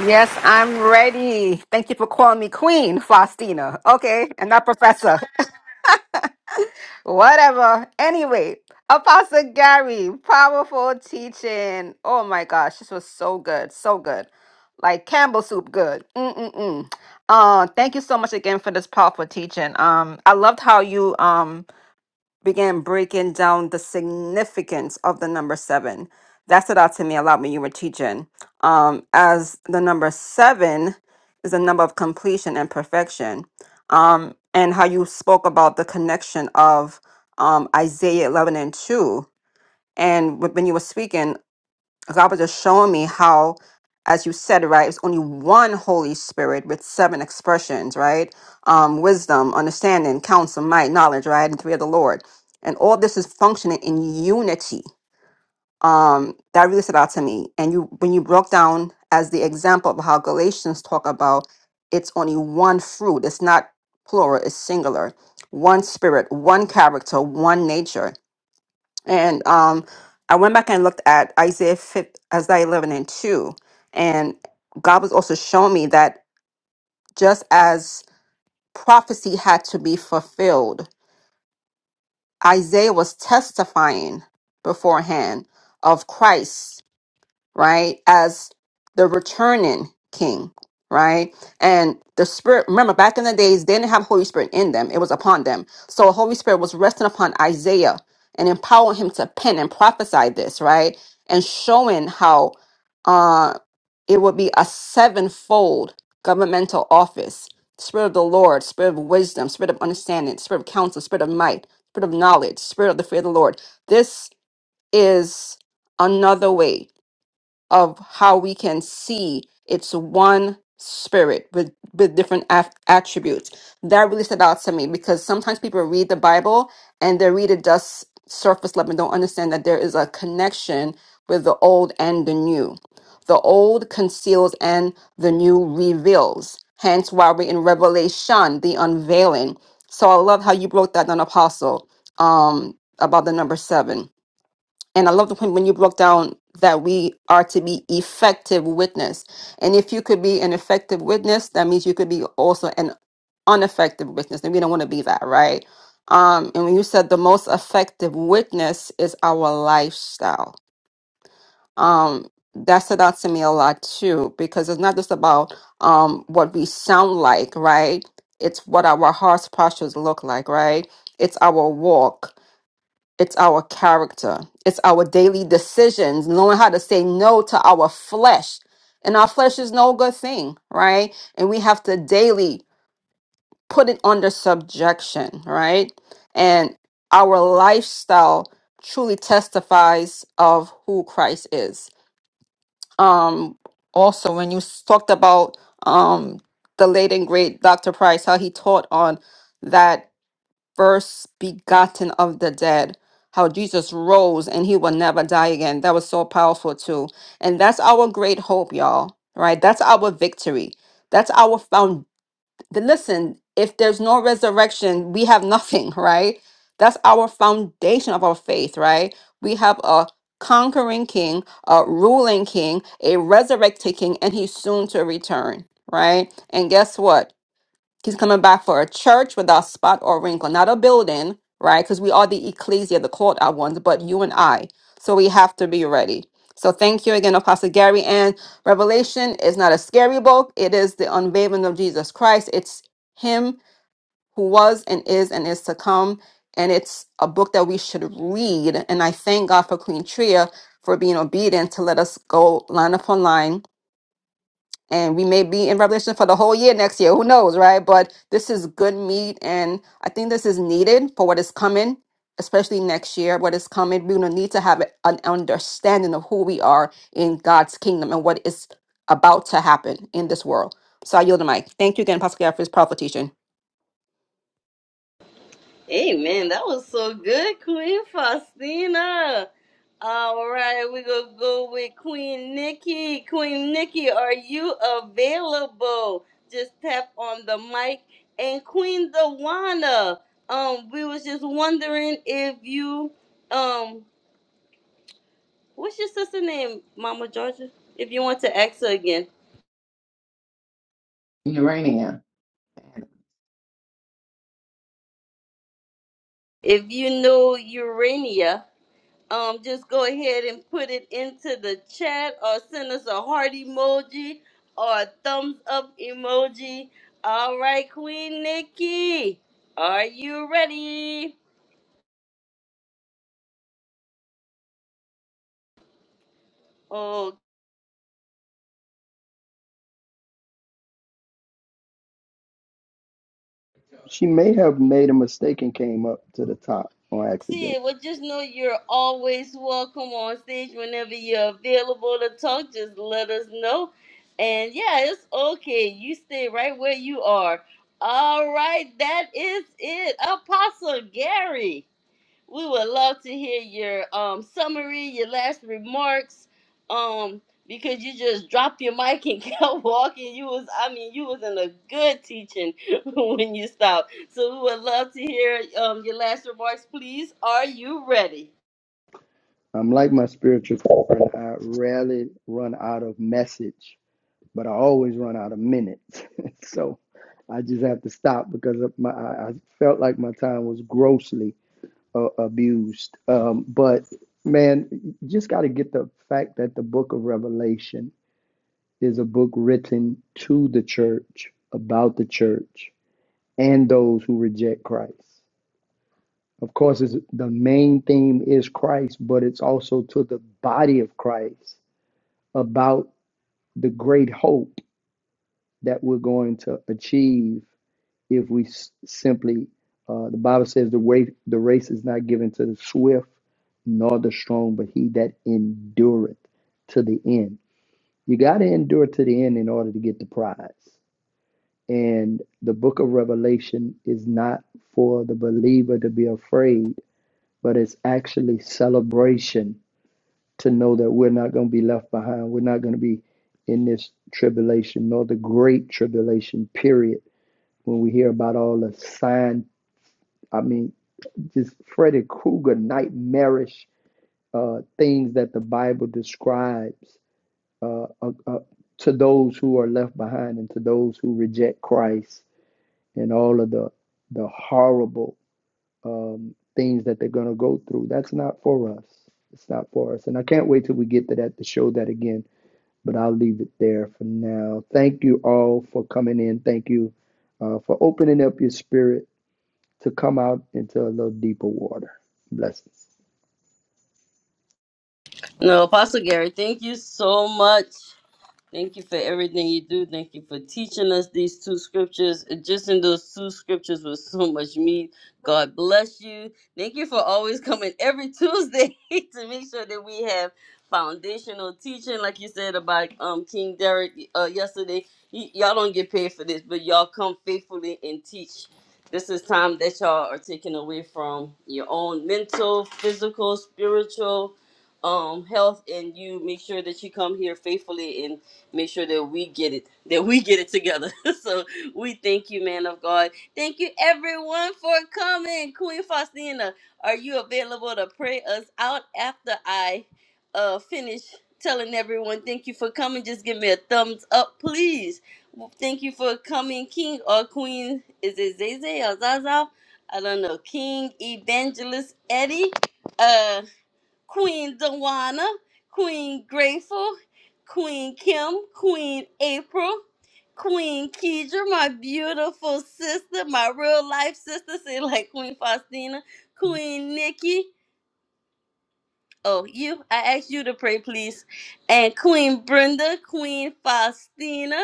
[SPEAKER 7] Yes, I'm ready. Thank you for calling me Queen Faustina. Okay, and not Professor. Whatever. Anyway, Apostle Gary, powerful teaching. Oh my gosh, this was so good, so good. Like Campbell soup, good. Mm-mm-mm. Uh, thank you so much again for this powerful teaching. Um, I loved how you um began breaking down the significance of the number seven. That stood out to me a lot when you were teaching. Um, as the number seven is a number of completion and perfection, um, and how you spoke about the connection of um, Isaiah 11 and 2. And wh- when you were speaking, God was just showing me how, as you said, right, it's only one Holy Spirit with seven expressions, right? Um, wisdom, understanding, counsel, might, knowledge, right, and three of the Lord, and all this is functioning in unity. Um, that really stood out to me. And you, when you broke down as the example of how Galatians talk about, it's only one fruit. It's not plural. It's singular. One spirit, one character, one nature and um, I went back and looked at Isaiah 5, Isaiah 11 and 2. And God was also showing me that just as prophecy had to be fulfilled, Isaiah was testifying beforehand of Christ right, as the returning king, right? And the Spirit, remember back in the days, they didn't have Holy Spirit in them, it was upon them. So Holy Spirit was resting upon Isaiah and empowering him to pen and prophesy this, right? And showing how uh it would be a sevenfold governmental office. Spirit of the Lord, spirit of wisdom, spirit of understanding, spirit of counsel, spirit of might, spirit of knowledge, spirit of the fear of the Lord. This is another way of how we can see it's one spirit with, with different af- attributes. That really stood out to me because sometimes people read the Bible and they read it just surface level and don't understand that there is a connection with the old and the new. The old conceals and the new reveals. Hence why we're in Revelation, the unveiling. So I love how you broke that down, Apostle, um, about the number seven and I love the point when you broke down that we are to be effective witness. And if you could be an effective witness, that means you could be also an ineffective witness. And we don't want to be that, right? Um, and when you said the most effective witness is our lifestyle, um, that stood out to me a lot too, because it's not just about um, what we sound like, right? It's what our heart's postures look like, right? It's our walk it's our character. It's our daily decisions, knowing how to say no to our flesh. And our flesh is no good thing, right? And we have to daily put it under subjection, right? And our lifestyle truly testifies of who Christ is. Um, also, when you s- talked about um, the late and great Dr. Price, how he taught on that first begotten of the dead. How Jesus rose and he will never die again. That was so powerful, too. And that's our great hope, y'all, right? That's our victory. That's our found. Listen, if there's no resurrection, we have nothing, right? That's our foundation of our faith, right? We have a conquering king, a ruling king, a resurrected king, and he's soon to return, right? And guess what? He's coming back for a church without spot or wrinkle, not a building, right? Because we are the ecclesia, the called out ones, but you and I. So we have to be ready. So thank you again, Apostle Gary. And Revelation is not a scary book, it is the unveiling of Jesus Christ. It's Him who was and is and is to come. And it's a book that we should read. And I thank God for Queen Tria for being obedient to let us go line upon line and we may be in Revelation for the whole year next year. Who knows, right? But this is good meat, and I think this is needed for what is coming, especially next year. What is coming, we're gonna need to have an understanding of who we are in God's kingdom and what is about to happen in this world. So I yield the mic. Thank you again, Pastor Gary, for this powerful teaching.
[SPEAKER 1] Amen. That was so good, Queen Faustina. All right, we gonna go with Queen Nikki. Queen Nikki, are you available? Just tap on the mic. And Queen Dawana, um, we was just wondering if you um What's your sister's name, Mama Georgia? If you want to ask her again.
[SPEAKER 2] Urania.
[SPEAKER 1] If you know Urania, um, just go ahead and put it into the chat or send us a heart emoji or a thumbs up emoji. All right, Queen Nikki, are you ready?
[SPEAKER 3] She may have made a mistake and came up to the top on accident.
[SPEAKER 1] it. Well, just know you're always welcome on stage whenever you're available to talk. Just let us know. And yeah, it's okay. You stay right where you are. All right, that is it. Apostle Gary we would love to hear your um, summary, your last remarks, um, because you just dropped your mic and kept walking. You was, I mean, you was in a good teaching when you stopped. So we would love to hear um, your last remarks, please. Are you ready?
[SPEAKER 3] I'm like my spiritual friend. I rarely run out of message, but I always run out of minutes. so I just have to stop because of my I felt like my time was grossly uh, abused. Um, but man, you just got to get the fact that the book of Revelation is a book written to the church, about the church, and those who reject Christ. Of course, it's, the main theme is Christ, but it's also to the body of Christ about the great hope that we're going to achieve if we s- simply, uh, the Bible says, the, way, the race is not given to the swift nor the strong, but he that endureth to the end. You got to endure to the end in order to get the prize. And the book of Revelation is not for the believer to be afraid, but it's actually celebration to know that we're not going to be left behind. We're not going to be in this tribulation, nor the great tribulation period. When we hear about all the sign, I mean, just Freddy Krueger nightmarish uh, things that the Bible describes uh, uh, uh, to those who are left behind and to those who reject Christ and all of the the horrible um, things that they're going to go through. That's not for us. It's not for us. And I can't wait till we get to that to show that again. But I'll leave it there for now. Thank you all for coming in. Thank you uh, for opening up your spirit to come out into a little deeper water. Blessings.
[SPEAKER 1] No, Apostle Gary, thank you so much. Thank you for everything you do. Thank you for teaching us these two scriptures. And Just in those two scriptures was so much meat. God bless you. Thank you for always coming every Tuesday to make sure that we have foundational teaching, like you said about um King Derek uh, yesterday. Y- y'all don't get paid for this, but y'all come faithfully and teach. This is time that y'all are taking away from your own mental, physical, spiritual um health and you make sure that you come here faithfully and make sure that we get it, that we get it together. so we thank you, man of God. Thank you, everyone, for coming. Queen Faustina, are you available to pray us out after I uh, finish telling everyone thank you for coming? Just give me a thumbs up, please. Thank you for coming, King or Queen. Is it Zay Zay or Zaza? I don't know. King Evangelist Eddie. Uh, Queen Dawana, Queen Grateful, Queen Kim, Queen April, Queen Kedra, my beautiful sister, my real life sister, say like Queen Faustina, Queen Nikki, Oh, you, I ask you to pray, please. And Queen Brenda, Queen Faustina,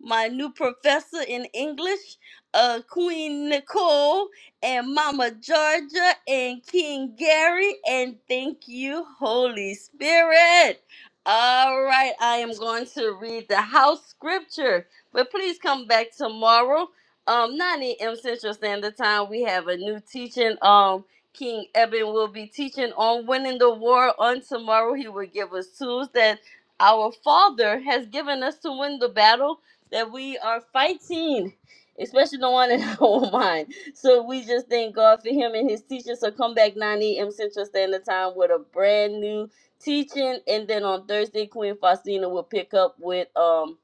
[SPEAKER 1] my new professor in English, uh, Queen Nicole, and Mama Georgia, and King Gary, and thank you, Holy Spirit. All right, I am going to read the house scripture, but please come back tomorrow. Um, 9 a.m. Central Standard Time. We have a new teaching. um. King Eben will be teaching on winning the war on tomorrow. He will give us tools that our Father has given us to win the battle that we are fighting, especially the one in our mind. So we just thank God for him and his teaching. So come back 9 a.m. Central Standard Time with a brand new teaching. And then on Thursday, Queen Faustina will pick up with um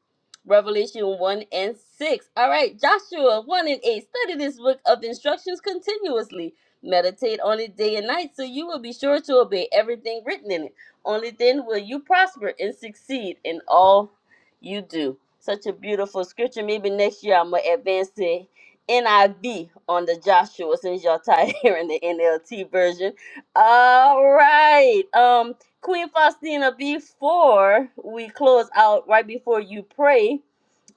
[SPEAKER 1] Revelation 1 and 6. All right, Joshua 1 and 8. Study this book of instructions continuously Meditate on it day and night so you will be sure to obey everything written in it. Only then will you prosper and succeed in all you do. Such a beautiful scripture. Maybe next year I'm going to advance to NIV on the Joshua since y'all tired hearing the NLT version. All right. Um, Queen Faustina, before we close out, right before you pray,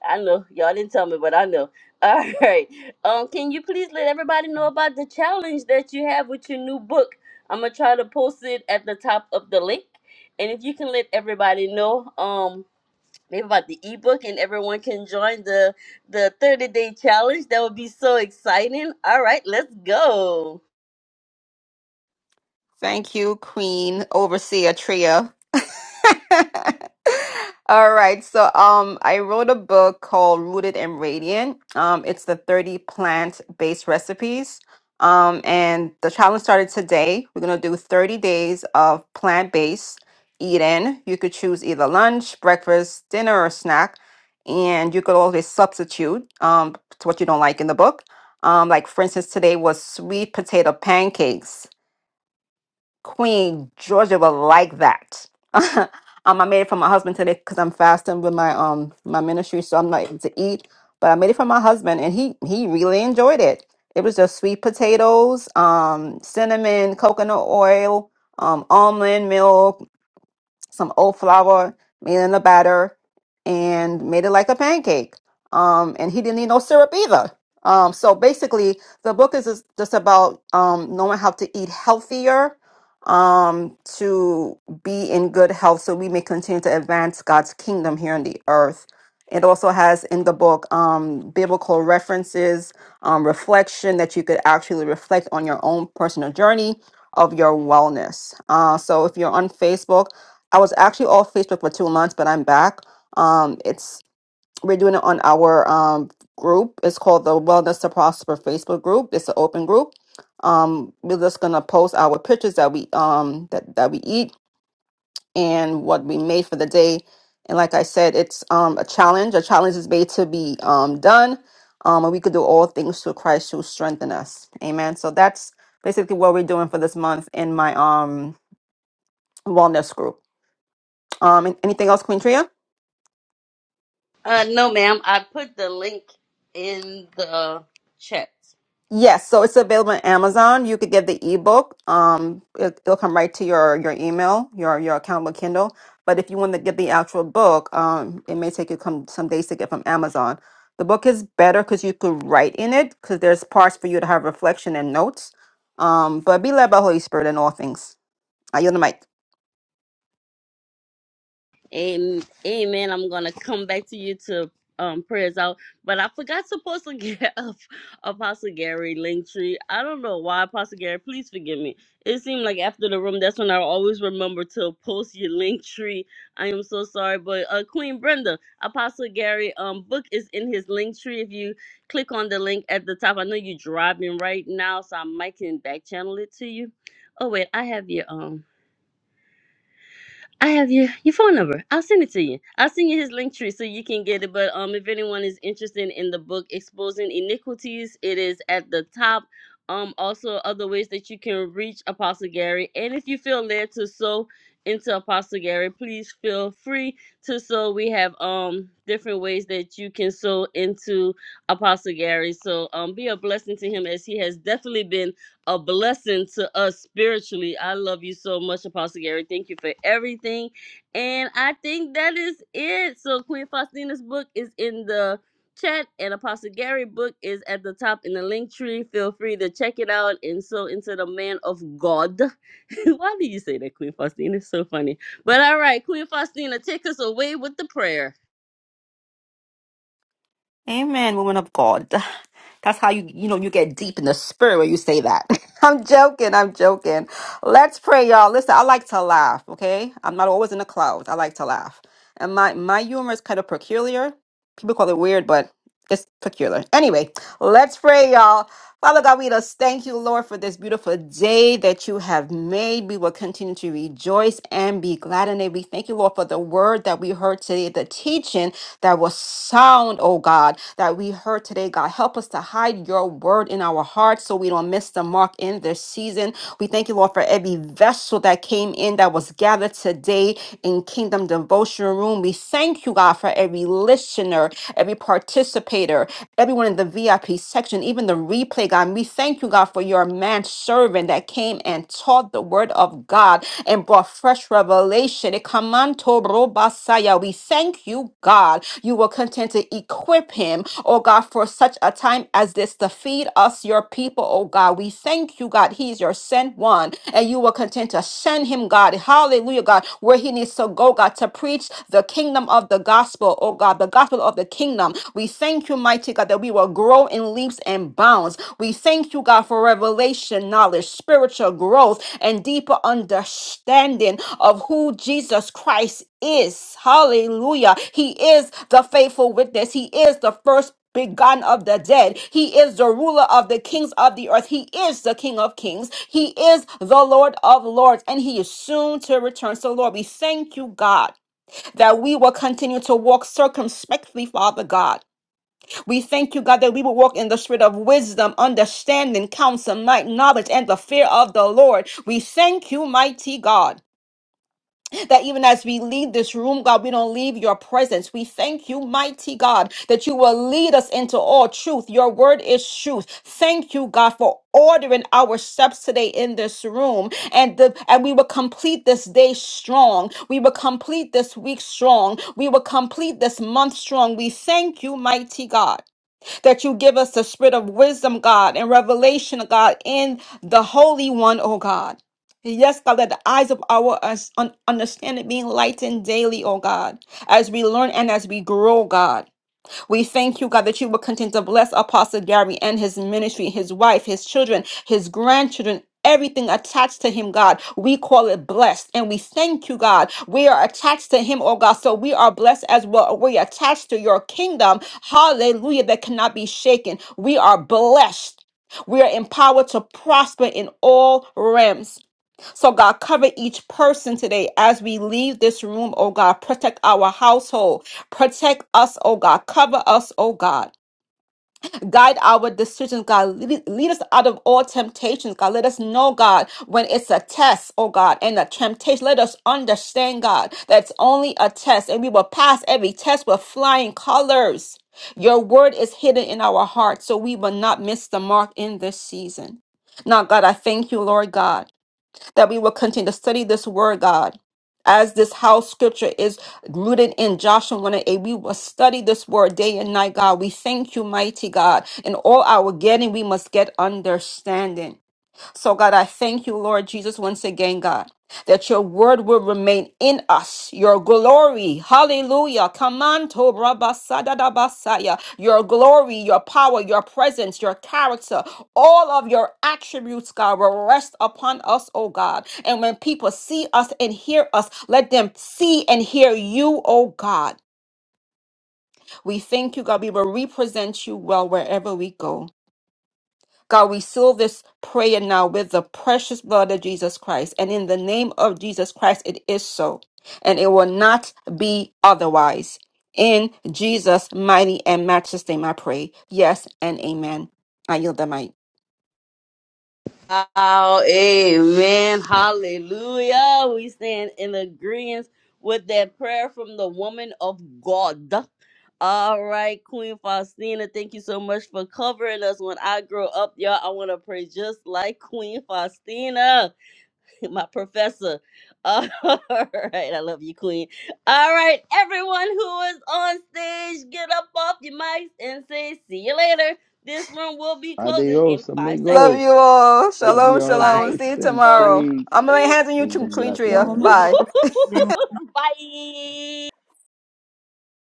[SPEAKER 1] I know. Y'all didn't tell me, but I know. All right. Um, can you please let everybody know about the challenge that you have with your new book? I'm gonna try to post it at the top of the link. And if you can let everybody know, um, maybe about the ebook and everyone can join the the 30 day challenge. That would be so exciting. All right, let's go.
[SPEAKER 7] Thank you, Queen Overseer Tria. All right. So um I wrote a book called Rooted and Radiant. Um it's the 30 plant-based recipes. Um and the challenge started today. We're going to do 30 days of plant-based eating. You could choose either lunch, breakfast, dinner or snack, and you could always substitute um to what you don't like in the book. Um like for instance today was sweet potato pancakes. Queen Georgia will like that. um, I made it for my husband today because I'm fasting with my um my ministry, so I'm not able to eat. But I made it for my husband, and he he really enjoyed it. It was just sweet potatoes, um, cinnamon, coconut oil, um, almond milk, some oat flour, made it in a batter, and made it like a pancake. Um, and he didn't need no syrup either. Um, so basically, the book is just just about um, knowing how to eat healthier um, to be in good health so we may continue to advance God's kingdom here on the earth. It also has in the book um, biblical references, um, reflection that you could actually reflect on your own personal journey of your wellness. Uh, so if you're on Facebook, I was actually off Facebook for two months, but I'm back. Um, it's we're doing it on our um group. It's called the Wellness to Prosper Facebook group. It's an open group. Um, we're just gonna post our pictures that we um that that we eat and what we made for the day. And like I said, it's um a challenge. A challenge is made to be um done. Um, and we could do all things through Christ who strengthen us. Amen. So that's basically what we're doing for this month in my um wellness group. Um, anything else, Queen Tria?
[SPEAKER 1] Uh no ma'am, I put the link in the chat.
[SPEAKER 7] Yes, so it's available on Amazon. You could get the ebook. Um, it, it'll come right to your your email, your your account with Kindle. But if you want to get the actual book, um, it may take you come some days to get from Amazon. The book is better because you could write in it because there's parts for you to have reflection and notes. Um, but be led by Holy Spirit in all things. I yield the mic.
[SPEAKER 1] Amen. Amen. I'm gonna come back to you to um prayers out, but I forgot to post a get of Apostle Gary Linktree. I don't know why Apostle Gary. Please forgive me. It seemed like after the room, that's when I always remember to post your Linktree. I am so sorry, but uh, Queen Brenda, Apostle Gary, um, book is in his Linktree. If you click on the link at the top, I know you're driving right now, so I might can back channel it to you. Oh wait, I have your um. I have your your phone number. I'll send it to you. I'll send you his link tree so you can get it. But um, if anyone is interested in the book Exposing Iniquities, it is at the top. Um, also other ways that you can reach Apostle Gary, and if you feel led to sow into Apostle Gary, please feel free to sow. We have um different ways that you can sow into Apostle Gary. So um, be a blessing to him as he has definitely been a blessing to us spiritually. I love you so much, Apostle Gary. Thank you for everything. And I think that is it. So Queen Faustina's book is in the chat and Apostle Gary book is at the top in the link tree. Feel free to check it out and so into the man of God. Why do you say that, Queen Faustina? It's so funny. But all right, Queen Faustina, take us away with the prayer.
[SPEAKER 7] Amen, woman of God. That's how you you know you get deep in the spirit when you say that. I'm joking, I'm joking. Let's pray, y'all. Listen, I like to laugh, okay? I'm not always in the clouds. I like to laugh. And my my humor is kind of peculiar. People call it weird, but it's peculiar. Anyway, let's pray, y'all. Father God, we just thank you, Lord, for this beautiful day that you have made. We will continue to rejoice and be glad in it. We thank you, Lord, for the word that we heard today, the teaching that was sound, oh God, that we heard today. God, help us to hide your word in our hearts so we don't miss the mark in this season. We thank you, Lord, for every vessel that came in that was gathered today in Kingdom Devotion Room. We thank you, God, for every listener petitioner, every participator, everyone in the VIP section, even the replay, God. We thank you, God, for your man servant that came and taught the word of God and brought fresh revelation. Ekamanto robasaya. We thank you, God. You will continue to equip him, oh God, for such a time as this to feed us, your people, oh God. We thank you, God. He is your sent one, and you will continue to send him, God. Hallelujah, God, where he needs to go, God, to preach the kingdom of of the gospel, oh God, the gospel of the kingdom. We thank you, mighty God, that we will grow in leaps and bounds. We thank you, God, for revelation, knowledge, spiritual growth, and deeper understanding of who Jesus Christ is. Hallelujah. He is the faithful witness, He is the first begotten of the dead. He is the ruler of the kings of the earth. He is the King of kings. He is the Lord of lords, and he is soon to return. So, Lord, we thank you, God that we will continue to walk circumspectly, Father God. We thank you, God, that we will walk in the spirit of wisdom, understanding, counsel, might, knowledge, and the fear of the Lord. We thank you, mighty God that even as we leave this room, God, we don't leave your presence. We thank you, mighty God, that you will lead us into all truth. Your word is truth. Thank you, God, for ordering our steps today in this room. And the and we will complete this day strong. We will complete this week strong. We will complete this month strong. We thank you, mighty God that you give us the spirit of wisdom, God, and revelation, God, in the Holy One, oh God. Yes, God, let the eyes of our us- un- understanding be enlightened daily, oh God, as we learn and as we grow, God. We thank you, God, that you will continue to bless Apostle Gary and his ministry, his wife, his children, his grandchildren. Everything attached to him, God, we call it blessed. And we thank you, God. We are attached to him, oh God. So we are blessed as well. We are attached to your kingdom. Hallelujah. That cannot be shaken. We are blessed. We are empowered to prosper in all realms. So, God, cover each person today as we leave this room, oh God. Protect our household. Protect us, oh God. Cover us, oh God. Guide our decisions, God. Lead, lead us out of all temptations, God. Let us know, God, when it's a test, oh God, and a temptation. Let us understand, God, that's only a test, and we will pass every test with flying colors. Your word is hidden in our hearts, so we will not miss the mark in this season. Now, God, I thank you, Lord God that we will continue to study this word, God. As this house scripture is rooted in Joshua 1 and 8, we will study this word day and night, God. We thank you, mighty God. In all our getting, we must get understanding. So, God, I thank you, Lord Jesus, once again, God, that your word will remain in us. Your glory, hallelujah. Kamanto rabasadadabasaya. Your glory, your power, your presence, your character, all of your attributes, God, will rest upon us, oh God. And when people see us and hear us, let them see and hear you, oh God. We thank you, God. We will represent you well wherever we go. God, we seal this prayer now with the precious blood of Jesus Christ. And in the name of Jesus Christ, it is so. And it will not be otherwise. In Jesus' mighty and matchless name, I pray. Yes and amen. I yield the mic.
[SPEAKER 1] Oh, amen. Hallelujah. We stand in agreement with that prayer from the woman of God. All right, Queen Faustina, thank you so much for covering us. When I grow up, y'all, I want to pray just like Queen Faustina, my professor. All right, I love you, Queen. All right, everyone who is on stage, get up off your mics and say, See you later. This room will be closing in
[SPEAKER 3] Adios,
[SPEAKER 1] five
[SPEAKER 7] Love
[SPEAKER 1] seconds.
[SPEAKER 7] you
[SPEAKER 3] amigos.
[SPEAKER 7] all.
[SPEAKER 3] Love you
[SPEAKER 7] Shalom,
[SPEAKER 3] all.
[SPEAKER 7] shalom.
[SPEAKER 1] Five,
[SPEAKER 3] Grace
[SPEAKER 7] See you
[SPEAKER 3] and
[SPEAKER 1] four,
[SPEAKER 7] tomorrow.
[SPEAKER 3] peace.
[SPEAKER 7] I'm going to
[SPEAKER 1] three,
[SPEAKER 7] hand you to
[SPEAKER 3] Kingdom
[SPEAKER 7] Queen
[SPEAKER 1] two.
[SPEAKER 7] Tria.
[SPEAKER 8] Shalom. Have
[SPEAKER 3] blessings.
[SPEAKER 8] a
[SPEAKER 7] Bye.
[SPEAKER 8] blessed day,
[SPEAKER 1] Bye.